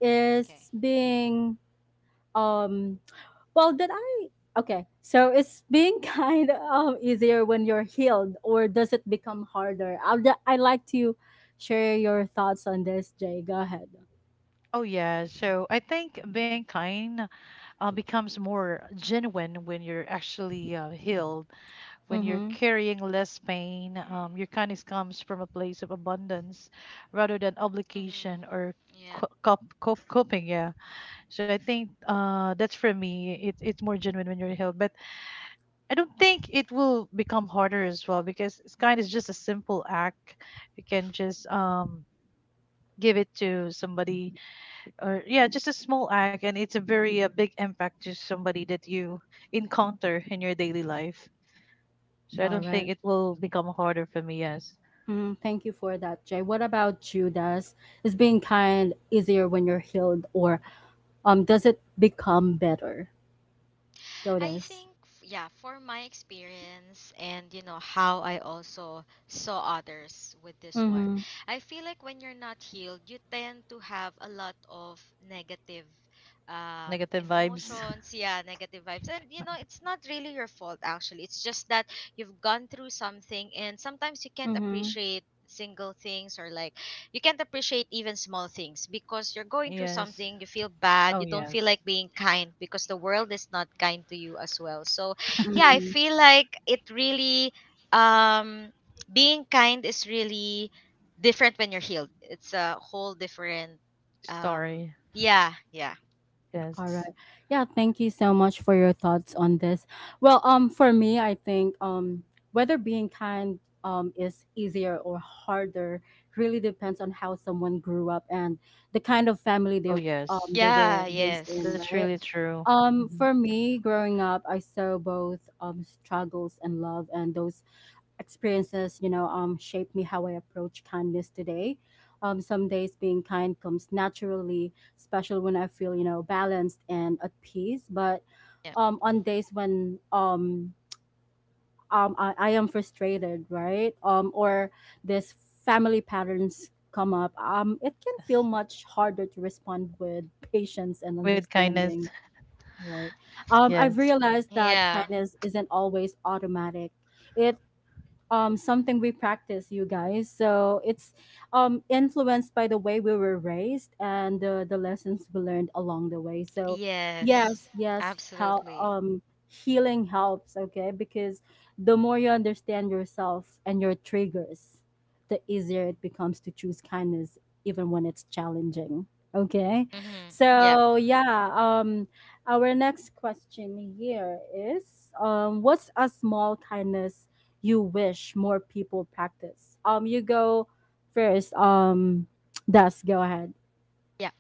[SPEAKER 1] Is
[SPEAKER 3] Okay.
[SPEAKER 1] being um Well, did I? Okay, so it's being kind of easier when you're healed, or does it become harder? I like to share your thoughts on this, Jay. Go ahead.
[SPEAKER 2] oh yeah. So I think being kind becomes more genuine when you're actually healed, when you're
[SPEAKER 1] Mm-hmm.
[SPEAKER 2] carrying less pain. Your kindness comes from a place of abundance rather than obligation or
[SPEAKER 3] Mm-hmm. Yeah.
[SPEAKER 2] coping. Yeah. So I think that's for me. It's more genuine when you're healed. But I don't think it will become harder as well because it's kind of just a simple act. You can just give it to somebody or yeah, just a small act, and it's a very a big impact to somebody that you encounter in your daily life. So I
[SPEAKER 1] All
[SPEAKER 2] don't think
[SPEAKER 1] right.
[SPEAKER 2] it will become harder for me, yes.
[SPEAKER 1] Mhm. Thank you for that, Jay. What about you, Des? Is being kind easier when you're healed, or does it become better? Go,
[SPEAKER 3] I
[SPEAKER 1] Des.
[SPEAKER 3] think, yeah, for my experience and, you know, how I also saw others with this one,
[SPEAKER 1] Mm-hmm.
[SPEAKER 3] I feel like when you're not healed, you tend to have a lot of negative
[SPEAKER 2] Negative vibes.
[SPEAKER 3] emotions, yeah, negative vibes. And it's not really your fault, actually. It's just that you've gone through something and sometimes you can't
[SPEAKER 1] Mm-hmm.
[SPEAKER 3] appreciate single things, or like, you can't appreciate even small things because you're going through
[SPEAKER 2] Yes.
[SPEAKER 3] something, you feel bad,
[SPEAKER 2] Oh
[SPEAKER 3] you don't feel
[SPEAKER 2] yes.
[SPEAKER 3] like being kind because the world is not kind to you as well. So yeah, I
[SPEAKER 1] Mm-hmm.
[SPEAKER 3] feel like it really, um being kind is really different when you're healed. It's a whole different, um
[SPEAKER 2] Story.
[SPEAKER 3] yeah. Yeah.
[SPEAKER 1] All
[SPEAKER 2] Yes.
[SPEAKER 1] right. Yeah, thank you so much for your thoughts on this. Well, for me, I think whether being kind is easier or harder really depends on how someone grew up and the kind of family
[SPEAKER 2] Oh, yes.
[SPEAKER 1] they were
[SPEAKER 3] Yeah.
[SPEAKER 1] raised in,
[SPEAKER 2] That's
[SPEAKER 3] Yes.
[SPEAKER 1] right?
[SPEAKER 2] really true. Mhm.
[SPEAKER 1] For me, growing up, I saw both struggles and love, and those experiences, you know, shaped me how I approach kindness today. Some days being kind comes naturally, especially when I feel, you know, balanced and at peace. But
[SPEAKER 3] Yeah.
[SPEAKER 1] on days when I am frustrated, right? Or this family patterns come up, it can feel much harder to respond with patience and
[SPEAKER 2] With kindness.
[SPEAKER 1] understanding, right? I've
[SPEAKER 2] Yes.
[SPEAKER 1] realized that
[SPEAKER 3] Yeah.
[SPEAKER 1] kindness isn't always automatic. It something we practice, you guys. So it's influenced by the way we were raised and the lessons we learned along the way. So,
[SPEAKER 3] Yes.
[SPEAKER 1] yes, yes, how
[SPEAKER 3] Absolutely.
[SPEAKER 1] healing helps, okay? Because the more you understand yourself and your triggers, the easier it becomes to choose kindness, even when it's challenging. Okay,
[SPEAKER 3] Mm-hmm. Yeah.
[SPEAKER 1] so yeah, our next question here is, what's a small kindness you wish more people practice? You go first. Des, go ahead.
[SPEAKER 3] Yeah.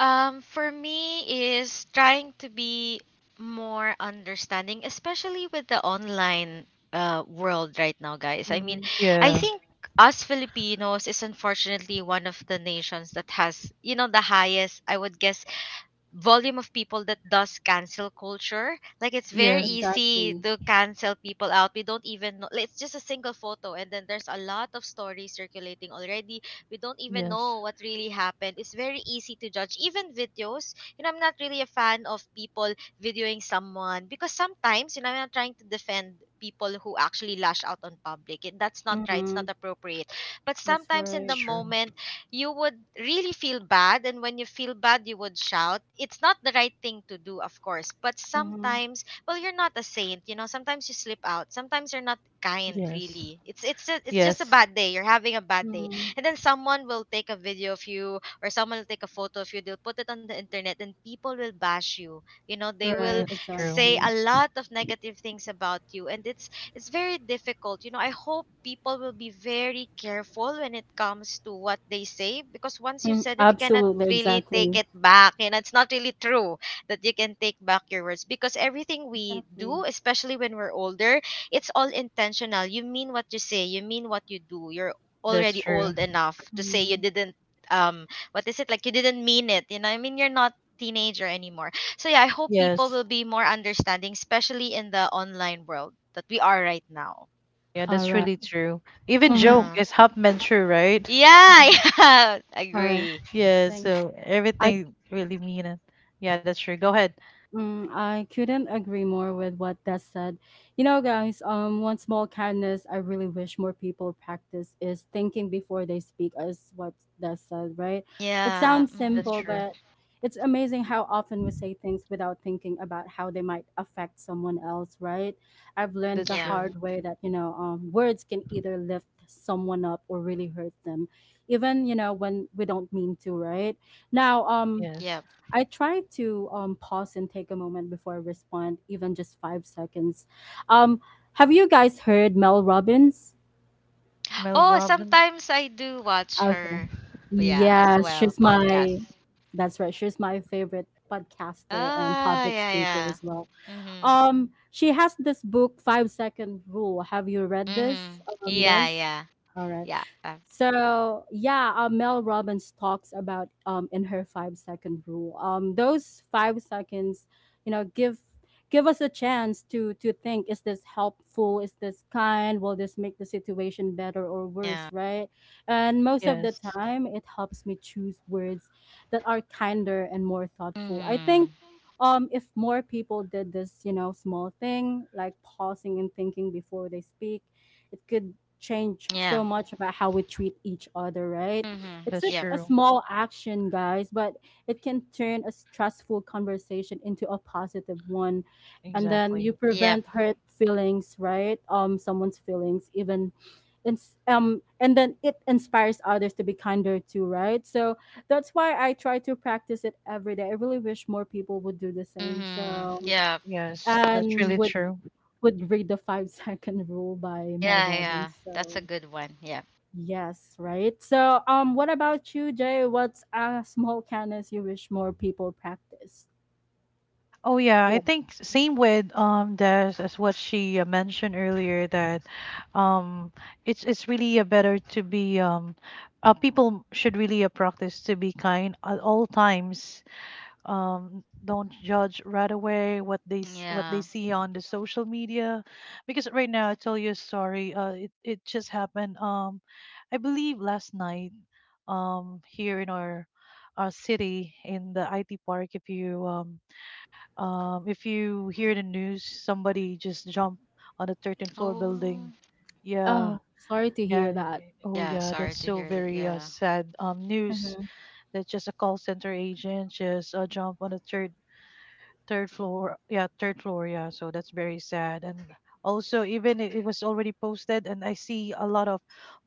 [SPEAKER 3] For me is trying to be more understanding, especially with the online world right now, guys. I mean,
[SPEAKER 1] Mm-hmm.
[SPEAKER 3] I
[SPEAKER 2] Yeah.
[SPEAKER 3] think us Filipinos is unfortunately one of the nations that has the highest, I would guess, volume of people that does cancel culture. Like, it's very
[SPEAKER 2] Yes.
[SPEAKER 3] easy
[SPEAKER 1] Exactly.
[SPEAKER 3] to cancel people out. We don't even know. Like, it's just a single photo, and then there's a lot of stories circulating already. We don't even
[SPEAKER 2] Yes.
[SPEAKER 3] know what really happened. It's very easy to judge. Even videos. I'm not really a fan of people videoing someone because sometimes, I'm not trying to defend people who actually lash out on public. That's not right. It's
[SPEAKER 1] Mm-hmm.
[SPEAKER 3] not appropriate. But
[SPEAKER 1] That's
[SPEAKER 3] sometimes in
[SPEAKER 2] It's
[SPEAKER 3] the
[SPEAKER 1] right.
[SPEAKER 2] true.
[SPEAKER 3] moment you would really feel bad, and when you feel bad you would shout. It's not the right thing to do, of course, but
[SPEAKER 1] Mm-hmm.
[SPEAKER 3] sometimes, well, you're not a saint, sometimes you slip out, sometimes you're not kind
[SPEAKER 2] Yes.
[SPEAKER 3] really. It's just a
[SPEAKER 2] Yes.
[SPEAKER 3] bad day, you're having a bad day,
[SPEAKER 1] Mm-hmm.
[SPEAKER 3] and then someone will take a video of you, or someone will take a photo of you, they'll put it on the internet, and people will bash you, you know they will
[SPEAKER 1] Right.
[SPEAKER 2] That's true.
[SPEAKER 3] say
[SPEAKER 1] Exactly.
[SPEAKER 3] a lot of negative things about you, and it's very difficult. I hope people will be very careful when it comes to what they say because once you've
[SPEAKER 1] Mm,
[SPEAKER 3] said it, you cannot
[SPEAKER 1] absolutely.
[SPEAKER 3] really take
[SPEAKER 1] Exactly.
[SPEAKER 3] it back. It's not really true that you can take back your words because everything we do,
[SPEAKER 1] Exactly.
[SPEAKER 3] especially when we're older, it's all intentional. You mean what you say, you mean what you do. You're
[SPEAKER 2] That's
[SPEAKER 3] already
[SPEAKER 2] true.
[SPEAKER 3] old enough to say you
[SPEAKER 1] Mm.
[SPEAKER 3] didn't, um what is it, like, you didn't mean it. I mean, you're not teenager anymore. So yeah, I hope people
[SPEAKER 2] Yes.
[SPEAKER 3] will be more understanding, especially in the online world that we are right now.
[SPEAKER 2] Yeah,
[SPEAKER 1] All
[SPEAKER 2] that's
[SPEAKER 1] right.
[SPEAKER 2] really true. Even
[SPEAKER 1] Mm-hmm.
[SPEAKER 2] joke
[SPEAKER 3] Yeah.
[SPEAKER 2] is half meant true, right?
[SPEAKER 3] Yeah, yeah.
[SPEAKER 1] All right.
[SPEAKER 3] Agree.
[SPEAKER 2] Yeah,
[SPEAKER 1] Thanks.
[SPEAKER 2] so
[SPEAKER 1] I.
[SPEAKER 2] everything really mean it. Yeah, that's true. Go ahead.
[SPEAKER 1] Mm, I couldn't agree more with what Des said. You know, guys, one small kindness I really wish more people practice is thinking before they speak, as what Des said, right? It
[SPEAKER 3] Yeah.
[SPEAKER 1] sounds
[SPEAKER 3] Hmm.
[SPEAKER 2] That's
[SPEAKER 1] simple,
[SPEAKER 2] true.
[SPEAKER 1] but it's amazing how often we say things without thinking about how they might affect someone else, right? I've learned
[SPEAKER 2] That's
[SPEAKER 1] the
[SPEAKER 3] Yeah.
[SPEAKER 2] true.
[SPEAKER 1] hard way that, you know, words can either lift someone up or really hurt them, even, you know, when we don't mean to, right? Now,
[SPEAKER 2] Yes.
[SPEAKER 3] Yeah.
[SPEAKER 1] I try to pause and take a moment before I respond, even just 5 seconds. Um, have you guys heard Mel Robbins?
[SPEAKER 2] Mel
[SPEAKER 3] Oh,
[SPEAKER 2] Robbins.
[SPEAKER 3] sometimes I do watch
[SPEAKER 1] Okay.
[SPEAKER 3] her. Yeah, as
[SPEAKER 1] Yeah,
[SPEAKER 3] well,
[SPEAKER 1] she's
[SPEAKER 3] podcast.
[SPEAKER 1] my, that's right. She's my favorite podcaster and
[SPEAKER 3] Ah,
[SPEAKER 1] public
[SPEAKER 3] yeah,
[SPEAKER 1] speaker
[SPEAKER 3] yeah.
[SPEAKER 1] as well.
[SPEAKER 3] Mhm.
[SPEAKER 1] She has this book, Five Second Rule. Have you read this?
[SPEAKER 3] Mhm. Yeah,
[SPEAKER 1] Does
[SPEAKER 3] yeah.
[SPEAKER 1] all right.
[SPEAKER 3] Yeah.
[SPEAKER 1] So yeah, Mel Robbins talks about in her 5 second rule. Those 5 seconds, you know, give give us a chance to think: is this helpful? Is this kind? Will this make the situation better or worse?
[SPEAKER 3] Yeah.
[SPEAKER 1] Right? And most of the
[SPEAKER 2] Yes.
[SPEAKER 1] time, it helps me choose words that are kinder and more thoughtful. I think,
[SPEAKER 3] Mhm.
[SPEAKER 1] if more people did this, small thing like pausing and thinking before they speak, it could change
[SPEAKER 3] Yeah.
[SPEAKER 1] so much about how we treat each other, right?
[SPEAKER 3] Mhm.
[SPEAKER 1] It's
[SPEAKER 2] That's
[SPEAKER 1] such
[SPEAKER 3] Yep.
[SPEAKER 1] a
[SPEAKER 2] true.
[SPEAKER 1] small action, guys, but it can turn a stressful conversation into a positive one, and then
[SPEAKER 2] Exactly.
[SPEAKER 1] you
[SPEAKER 3] Yep.
[SPEAKER 1] prevent hurt feelings, right? Someone's feelings, even. It's um and then it inspires others to be kinder too, right? So that's why I try to practice it every day. I really wish more people would do the same,
[SPEAKER 3] Mhm.
[SPEAKER 1] so,
[SPEAKER 3] Yep.
[SPEAKER 2] Yes. That's
[SPEAKER 1] and
[SPEAKER 2] really
[SPEAKER 1] would
[SPEAKER 2] true.
[SPEAKER 1] read the Five Second Rule by Mel
[SPEAKER 3] Yeah, yeah.
[SPEAKER 1] Robbins. So
[SPEAKER 3] That's a good one. Yep.
[SPEAKER 1] yes, right, so, what about you, Jay? What's a small kindness you wish more people practice?
[SPEAKER 2] Oh yeah, I
[SPEAKER 1] Yep.
[SPEAKER 2] think same with Des as what she mentioned earlier that um it's really a better to be people should really practice to be kind at all times. Don't judge right away what they what they
[SPEAKER 3] Yeah.
[SPEAKER 2] see on the social media, because right now I tell you a story. It it just happened. I believe last night. Here in our city in the IT park, if you hear the news, somebody just jumped on the 13th floor building.
[SPEAKER 3] Oh,
[SPEAKER 2] Yeah,
[SPEAKER 1] Oh, sorry to
[SPEAKER 2] yeah,
[SPEAKER 1] hear
[SPEAKER 2] yeah,
[SPEAKER 1] that.
[SPEAKER 2] yeah. Oh,
[SPEAKER 3] yeah.
[SPEAKER 2] yeah.
[SPEAKER 3] Sorry
[SPEAKER 2] That's
[SPEAKER 3] to
[SPEAKER 2] so
[SPEAKER 3] hear that.
[SPEAKER 2] very
[SPEAKER 3] Yeah.
[SPEAKER 2] sad news
[SPEAKER 1] Mm-hmm.
[SPEAKER 2] that just a call center agent just jumped on the third floor. Yeah, third floor. Yeah. So that's very sad. And also, even it was already posted, and I see a lot of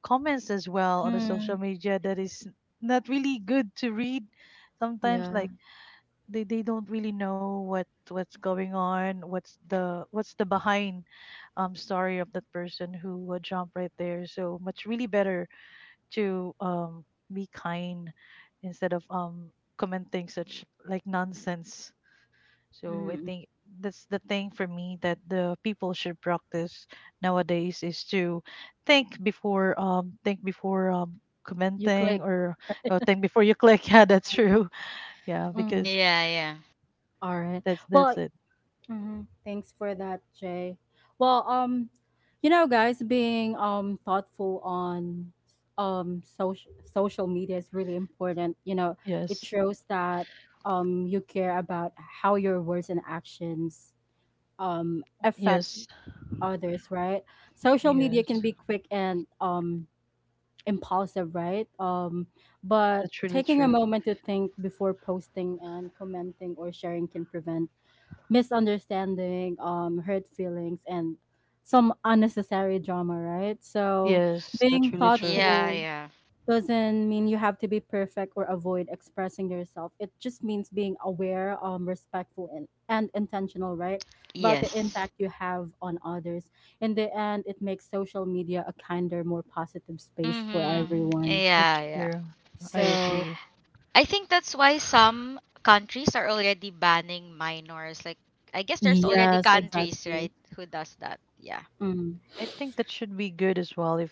[SPEAKER 2] comments as well on the social
[SPEAKER 1] Mm,
[SPEAKER 2] media that is not really good to read sometimes,
[SPEAKER 1] yeah.
[SPEAKER 2] like they don't really know what's going on, what's the behind story of that person who would jump right there. So much really better to be kind instead of commenting such like nonsense. So I
[SPEAKER 1] Mm,
[SPEAKER 2] think that's the thing for me that the people should practice nowadays, is to think before
[SPEAKER 1] you
[SPEAKER 2] commenting,
[SPEAKER 1] click.
[SPEAKER 2] or think before you click. Yeah, that's true. Yeah, because
[SPEAKER 1] Mm,
[SPEAKER 3] Yeah, yeah.
[SPEAKER 1] all right.
[SPEAKER 2] that's
[SPEAKER 1] Well,
[SPEAKER 2] it.
[SPEAKER 1] mm-hmm. Thanks for that, Jay. Well, guys, being thoughtful on social media is really important. You know, it
[SPEAKER 2] Yes,
[SPEAKER 1] shows that you care about how your words and actions affect
[SPEAKER 2] yes,
[SPEAKER 1] others, right? Social media can
[SPEAKER 2] yes.
[SPEAKER 1] be quick and impulsive, right? But
[SPEAKER 2] That's really
[SPEAKER 1] taking a
[SPEAKER 2] true.
[SPEAKER 1] moment to think before posting and commenting or sharing can prevent misunderstanding, hurt feelings, and some unnecessary drama, right? So
[SPEAKER 2] Yes, that's
[SPEAKER 1] being
[SPEAKER 2] really true.
[SPEAKER 3] Yeah,
[SPEAKER 1] thoughtful
[SPEAKER 3] yeah.
[SPEAKER 1] doesn't mean you have to be perfect or avoid expressing yourself. It just means being aware, respectful, and intentional, right? About the
[SPEAKER 3] Yes.
[SPEAKER 1] impact you have on others. In the end, it makes social media a kinder, more positive space for
[SPEAKER 3] Mm-hmm.
[SPEAKER 1] everyone.
[SPEAKER 2] That's
[SPEAKER 3] Yeah, yeah.
[SPEAKER 2] true. I
[SPEAKER 1] So,
[SPEAKER 2] agree.
[SPEAKER 3] I think that's why some countries are already banning minors. Like, I guess there's already
[SPEAKER 1] yes,
[SPEAKER 3] countries,
[SPEAKER 1] exactly.
[SPEAKER 3] right, who does that. Yeah.
[SPEAKER 1] Mm,
[SPEAKER 2] I think that should be good as well if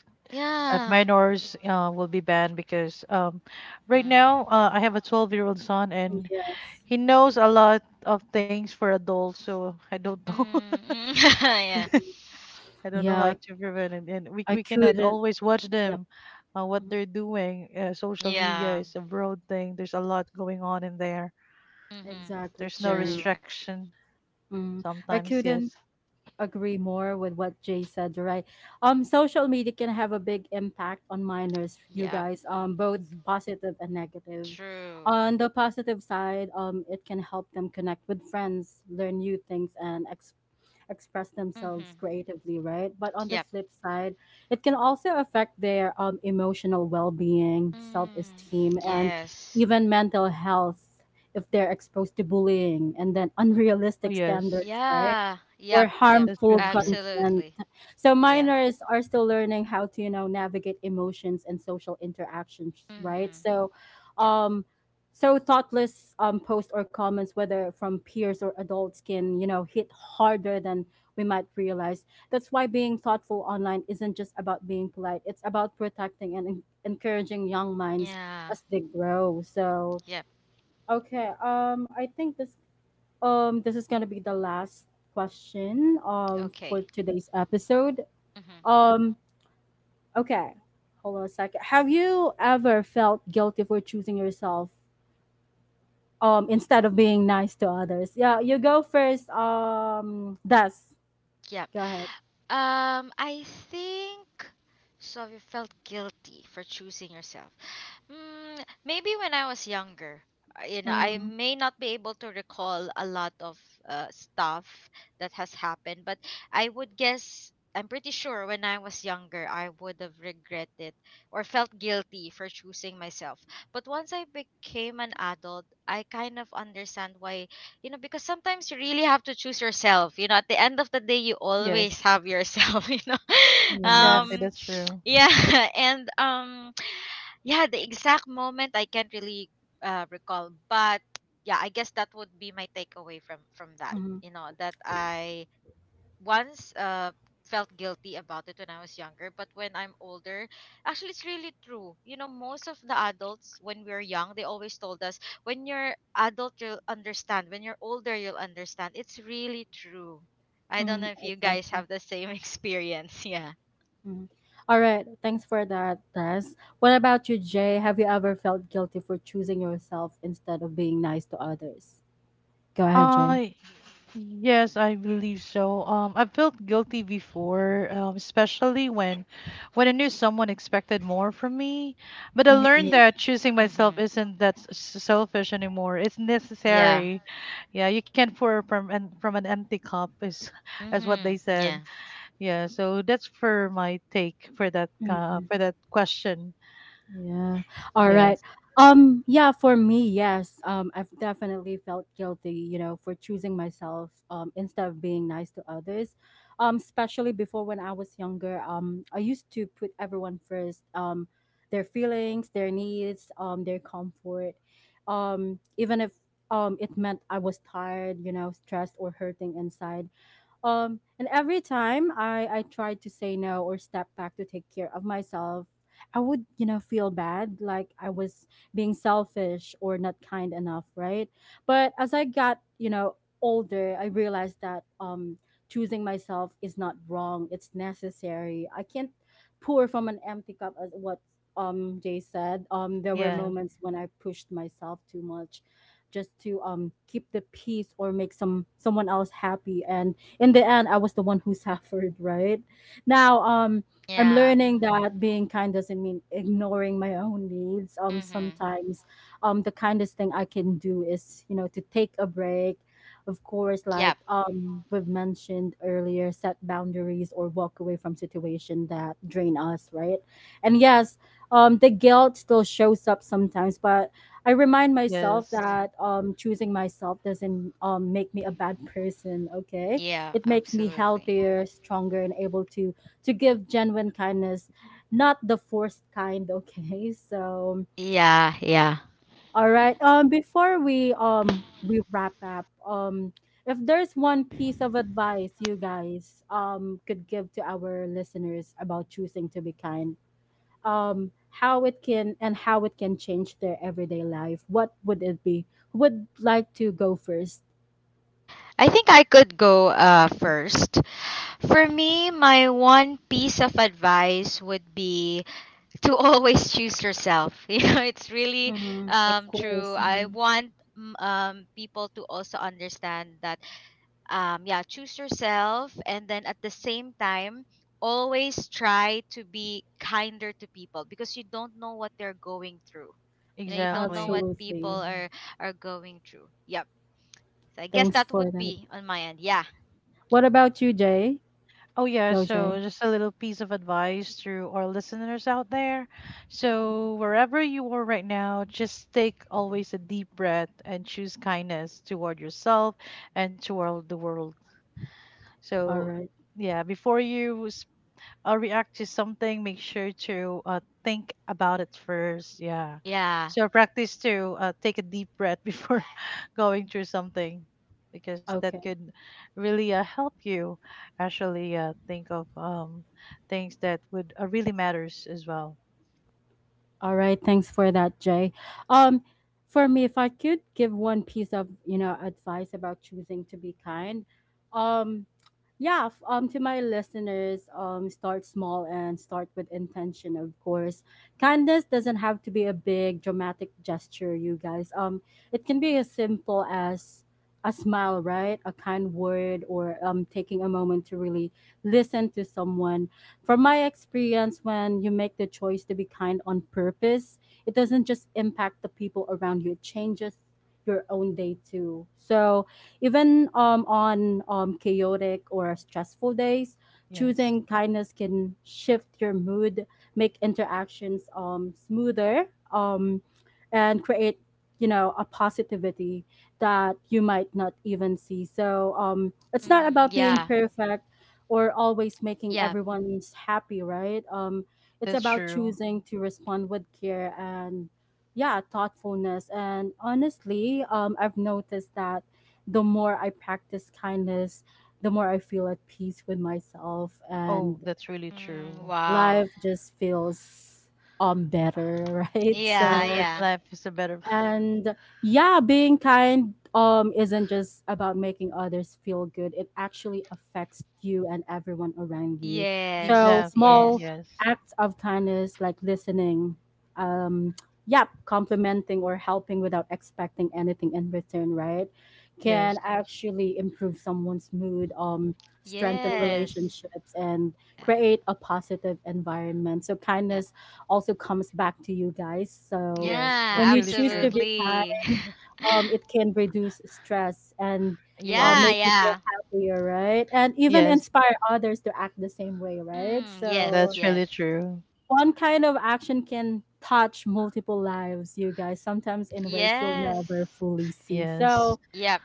[SPEAKER 3] Yeah.
[SPEAKER 2] minors will be banned, because right
[SPEAKER 3] Mm.
[SPEAKER 2] now I have a 12-year-old son and
[SPEAKER 1] yes.
[SPEAKER 2] he knows a lot of things for adults, so I don't know.
[SPEAKER 3] Mm. Yeah.
[SPEAKER 2] I don't know
[SPEAKER 1] Yeah,
[SPEAKER 2] how to prevent it, and we
[SPEAKER 1] I
[SPEAKER 2] we cannot
[SPEAKER 1] couldn't.
[SPEAKER 2] always watch
[SPEAKER 1] Yep.
[SPEAKER 2] them, what
[SPEAKER 1] Mm-hmm.
[SPEAKER 2] they're doing. Social media
[SPEAKER 3] Yeah.
[SPEAKER 2] is a broad thing. There's a lot going on in there.
[SPEAKER 3] Mm-hmm.
[SPEAKER 1] Exactly,
[SPEAKER 2] There's no
[SPEAKER 1] Jay.
[SPEAKER 3] True.
[SPEAKER 2] restriction.
[SPEAKER 1] Mm, I
[SPEAKER 2] Sometimes, yes.
[SPEAKER 1] couldn't agree more with what Jay said, right? Social media can have a big impact on minors, you
[SPEAKER 3] Yep.
[SPEAKER 1] guys, both
[SPEAKER 2] Mhm.
[SPEAKER 1] positive and negative.
[SPEAKER 3] True.
[SPEAKER 1] On the positive side, it can help them connect with friends, learn new things, and express themselves
[SPEAKER 3] Mm-hmm.
[SPEAKER 1] creatively, right? But on the
[SPEAKER 3] Yep.
[SPEAKER 1] flip side, it can also affect their emotional well being, self
[SPEAKER 3] Mm.
[SPEAKER 1] esteem, and
[SPEAKER 3] Yes.
[SPEAKER 1] even mental health if they're exposed to bullying and then
[SPEAKER 2] Oh,
[SPEAKER 1] unrealistic
[SPEAKER 2] yes.
[SPEAKER 1] standards, right?
[SPEAKER 3] Yeah.
[SPEAKER 1] Or
[SPEAKER 3] Yep. Yep.
[SPEAKER 2] That's
[SPEAKER 1] harmful
[SPEAKER 2] really true.
[SPEAKER 1] content.
[SPEAKER 3] Absolutely.
[SPEAKER 1] So
[SPEAKER 3] Yeah.
[SPEAKER 1] minors are still learning how to navigate emotions and social interactions, right?
[SPEAKER 3] Mhm.
[SPEAKER 1] So
[SPEAKER 3] Yep.
[SPEAKER 1] um thoughtless posts or comments, whether from peers or adults, can hit harder than we might realize. That's why being thoughtful online isn't just about being polite. It's about protecting and encouraging young minds
[SPEAKER 3] Yeah.
[SPEAKER 1] as they grow. So
[SPEAKER 3] Yep.
[SPEAKER 1] okay, I think this is gonna be the last question for
[SPEAKER 3] Okay.
[SPEAKER 1] today's episode.
[SPEAKER 3] Mhm.
[SPEAKER 1] Um, okay, hold on a second. Have you ever felt guilty for choosing yourself instead of being nice to others? Yeah, you go first. Des,
[SPEAKER 3] Yep.
[SPEAKER 1] go ahead.
[SPEAKER 3] I think so. You felt guilty for choosing yourself. Mm, maybe when I was younger, I
[SPEAKER 1] Mm.
[SPEAKER 3] may not be able to recall a lot of stuff that has happened, but I would guess. I'm pretty sure when I was younger, I would have regretted or felt guilty for choosing myself. But once I became an adult, I kind of understand why, you know because sometimes you really have to choose yourself, at the end of the day you always
[SPEAKER 2] Yes,
[SPEAKER 3] have yourself.
[SPEAKER 2] exactly.
[SPEAKER 1] Yes.
[SPEAKER 2] That's true.
[SPEAKER 3] Yeah. And yeah, the exact moment I can't really, recall, but yeah, I guess that would be my takeaway from that,
[SPEAKER 1] Mm-hmm.
[SPEAKER 3] that I once, felt guilty about it when I was younger, but when I'm older, actually it's really true. Most of the adults when we're young, they always told us when you're adult you'll understand. When you're older you'll understand. It's really true. I don't
[SPEAKER 1] Mm-hmm.
[SPEAKER 3] know if you guys
[SPEAKER 1] Exactly.
[SPEAKER 3] have the same experience. Yeah.
[SPEAKER 1] Mm-hmm. All right. Thanks for that, Tess. What about you, Jay? Have you ever felt guilty for choosing yourself instead of being nice to others? Go ahead, Jay.
[SPEAKER 2] I yes, I believe so. I felt guilty before, especially when I knew someone expected more from me. But I learned
[SPEAKER 1] Mm-hmm.
[SPEAKER 2] that choosing myself
[SPEAKER 3] Mhm.
[SPEAKER 2] isn't selfish anymore. It's
[SPEAKER 3] Yeah.
[SPEAKER 2] necessary. Yeah, you can't pour from an empty cup, is, as what they
[SPEAKER 3] Mhm.
[SPEAKER 2] said.
[SPEAKER 3] Yeah.
[SPEAKER 2] Yeah, so that's for my take
[SPEAKER 1] Mhm.
[SPEAKER 2] for that question.
[SPEAKER 1] Yeah. All right.
[SPEAKER 2] Yes.
[SPEAKER 1] Yeah, for me, yes. I've definitely felt guilty, for choosing myself instead of being nice to others. Especially before, when I was younger, I used to put everyone first, their feelings, their needs, their comfort. Even if it meant I was tired, stressed or hurting inside. And every time I tried to say no or step back to take care of myself, I would, feel bad, like I was being selfish or not kind enough, right? But as I got, older, I realized that, choosing myself is not wrong; it's necessary. I can't pour from an empty cup, as what Jay said. There were
[SPEAKER 2] Yes,
[SPEAKER 1] moments when I pushed myself too much, just to keep the peace or make someone else happy, and in the end I was the one who suffered. Right now, I'm
[SPEAKER 3] Yeah.
[SPEAKER 1] learning that being kind doesn't mean ignoring my own needs.
[SPEAKER 3] Mhm.
[SPEAKER 1] Sometimes, the kindest thing I can do is, to take a break. Of course, like,
[SPEAKER 3] Yep.
[SPEAKER 1] we've mentioned earlier, set boundaries or walk away from situation that drain us, right? And yes, the guilt still shows up sometimes, but I remind myself
[SPEAKER 2] yes,
[SPEAKER 1] that, choosing myself doesn't, make me a bad person, okay?
[SPEAKER 3] Yeah,
[SPEAKER 1] It makes me
[SPEAKER 3] absolutely.
[SPEAKER 1] healthier, stronger, and able to give genuine kindness, not the forced kind. Okay, so
[SPEAKER 3] Yeah, yeah.
[SPEAKER 1] all right. Before we wrap up, if there's one piece of advice you guys could give to our listeners about choosing to be kind, um, how it can change their everyday life, what would it be? Who would like to go first?
[SPEAKER 3] I think I could go first. For me, my one piece of advice would be to always choose yourself. It's really,
[SPEAKER 1] Mm, of
[SPEAKER 3] true.
[SPEAKER 1] course.
[SPEAKER 3] I
[SPEAKER 1] Mhm.
[SPEAKER 3] want, people to also understand that, yeah, choose yourself. And then at the same time, always try to be kinder to people because you don't know what they're going through. You don't know
[SPEAKER 2] exactly.
[SPEAKER 3] what people
[SPEAKER 1] Absolutely.
[SPEAKER 2] Hmm.
[SPEAKER 3] are going through. Yep. So I guess
[SPEAKER 1] Thanks
[SPEAKER 3] that
[SPEAKER 1] for
[SPEAKER 3] would
[SPEAKER 1] that.
[SPEAKER 3] be on my end. Yeah.
[SPEAKER 1] What about you, Jay?
[SPEAKER 2] Oh, yeah.
[SPEAKER 1] Go, Jay.
[SPEAKER 2] So, just a little piece of advice to our listeners out there. So, wherever you are right now, just take always a deep breath and choose kindness toward yourself and toward the world.
[SPEAKER 1] All
[SPEAKER 2] So,
[SPEAKER 1] right.
[SPEAKER 2] yeah, before you react to something, make sure to think about it first. Yeah.
[SPEAKER 3] Yeah.
[SPEAKER 2] So practice to take a deep breath before going through something, because that
[SPEAKER 1] Okay.
[SPEAKER 2] could really help you actually think of things that would really matters as well.
[SPEAKER 1] All right, thanks for that, Jay. Um, for me, if I could give one piece of advice about choosing to be kind, um, yeah, to my listeners, start small and start with intention, of course. Kindness doesn't have to be a big dramatic gesture, you guys. It can be as simple as a smile, right? A kind word, or taking a moment to really listen to someone. From my experience, when you make the choice to be kind on purpose, it doesn't just impact the people around you, it changes your own day too. So, even, on, chaotic or stressful days,
[SPEAKER 2] Yes.
[SPEAKER 1] choosing kindness can shift your mood, make interactions, smoother, and create a positivity that you might not even see. So it's not
[SPEAKER 3] Mm,
[SPEAKER 1] about being
[SPEAKER 3] yeah.
[SPEAKER 1] perfect or always making
[SPEAKER 3] Yeah.
[SPEAKER 1] everyone's happy, right? It's
[SPEAKER 2] That's
[SPEAKER 1] about
[SPEAKER 2] true.
[SPEAKER 1] choosing to respond with care and, yeah, thoughtfulness. And honestly, I've noticed that the more I practice kindness, the more I feel at peace with myself,
[SPEAKER 2] Oh,
[SPEAKER 1] and
[SPEAKER 2] that's really
[SPEAKER 3] Mm,
[SPEAKER 2] true.
[SPEAKER 3] wow.
[SPEAKER 1] life just feels better, right?
[SPEAKER 2] Yeah.
[SPEAKER 3] Yeah,
[SPEAKER 1] So,
[SPEAKER 3] yeah.
[SPEAKER 2] Life is a better.
[SPEAKER 1] and yeah, being kind isn't just about making others feel good. It actually affects you and everyone around you. So
[SPEAKER 3] Yes,
[SPEAKER 2] Exactly.
[SPEAKER 3] yes,
[SPEAKER 1] small
[SPEAKER 2] Yes.
[SPEAKER 1] acts of kindness like listening, um yeah, complimenting or helping without expecting anything in return, right? Can
[SPEAKER 2] Yes.
[SPEAKER 1] actually improve someone's mood, strengthen
[SPEAKER 3] yes.
[SPEAKER 1] relationships, and
[SPEAKER 3] Yeah,
[SPEAKER 1] create a positive environment. So
[SPEAKER 3] yep.
[SPEAKER 1] kindness also comes back to you guys. So
[SPEAKER 2] Yes.
[SPEAKER 3] Yeah,
[SPEAKER 2] That's
[SPEAKER 1] when you
[SPEAKER 2] really
[SPEAKER 1] choose to
[SPEAKER 2] true.
[SPEAKER 1] be
[SPEAKER 3] absolutely.
[SPEAKER 1] kind, it can reduce stress and,
[SPEAKER 2] Yes.
[SPEAKER 3] Yeah,
[SPEAKER 1] make you feel
[SPEAKER 3] yeah.
[SPEAKER 1] happier, right? And even
[SPEAKER 2] Yes.
[SPEAKER 1] inspire others to act the same way, right?
[SPEAKER 3] Mm, yes,
[SPEAKER 1] So
[SPEAKER 2] That's
[SPEAKER 3] yes.
[SPEAKER 2] really true.
[SPEAKER 1] one kind of action can touch multiple lives, you guys, sometimes in ways you'll never
[SPEAKER 3] Yes.
[SPEAKER 1] fully see.
[SPEAKER 2] Yes.
[SPEAKER 1] So
[SPEAKER 3] Yep.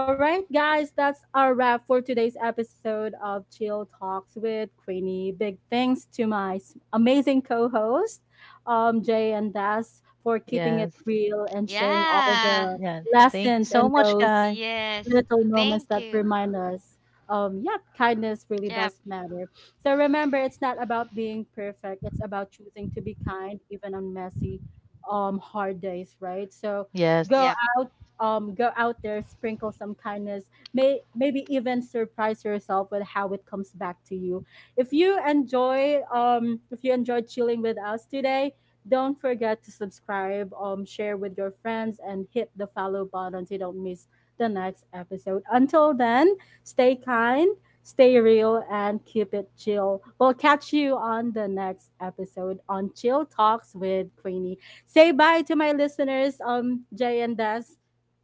[SPEAKER 1] all right, guys, that's our wrap for today's episode of Chill Talks with Queenie. Big thanks to my amazing co host, Jay and Das, for keeping it
[SPEAKER 2] Yes.
[SPEAKER 1] real and sharing all
[SPEAKER 3] Yeah.
[SPEAKER 1] the
[SPEAKER 2] Yeah. Thank you
[SPEAKER 1] lessons
[SPEAKER 2] so
[SPEAKER 1] and
[SPEAKER 2] much,
[SPEAKER 1] those
[SPEAKER 2] guys.
[SPEAKER 3] Yes.
[SPEAKER 1] little moments
[SPEAKER 3] Thank
[SPEAKER 1] that
[SPEAKER 3] you.
[SPEAKER 1] remind us, yeah, kindness really
[SPEAKER 3] Yep.
[SPEAKER 1] does matter. So remember, it's not about being perfect. It's about choosing to be kind, even on messy, hard days, right? So go
[SPEAKER 3] Yep.
[SPEAKER 2] Yes.
[SPEAKER 1] out, go out there, sprinkle some kindness. Maybe even surprise yourself with how it comes back to you. If you enjoyed chilling with us today. Don't forget to subscribe, share with your friends, and hit the follow button so you don't miss the next episode. Until then, stay kind, stay real, and keep it chill. We'll catch you on the next episode on Chill Talks with Queenie. Say bye to my listeners, Jay and Des.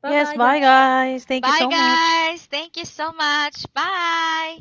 [SPEAKER 1] Bye
[SPEAKER 2] Yes.
[SPEAKER 1] bye,
[SPEAKER 2] Bye,
[SPEAKER 1] guys.
[SPEAKER 2] guys. Thank you
[SPEAKER 3] Bye,
[SPEAKER 2] so much.
[SPEAKER 3] guys. Thank you so much. Bye.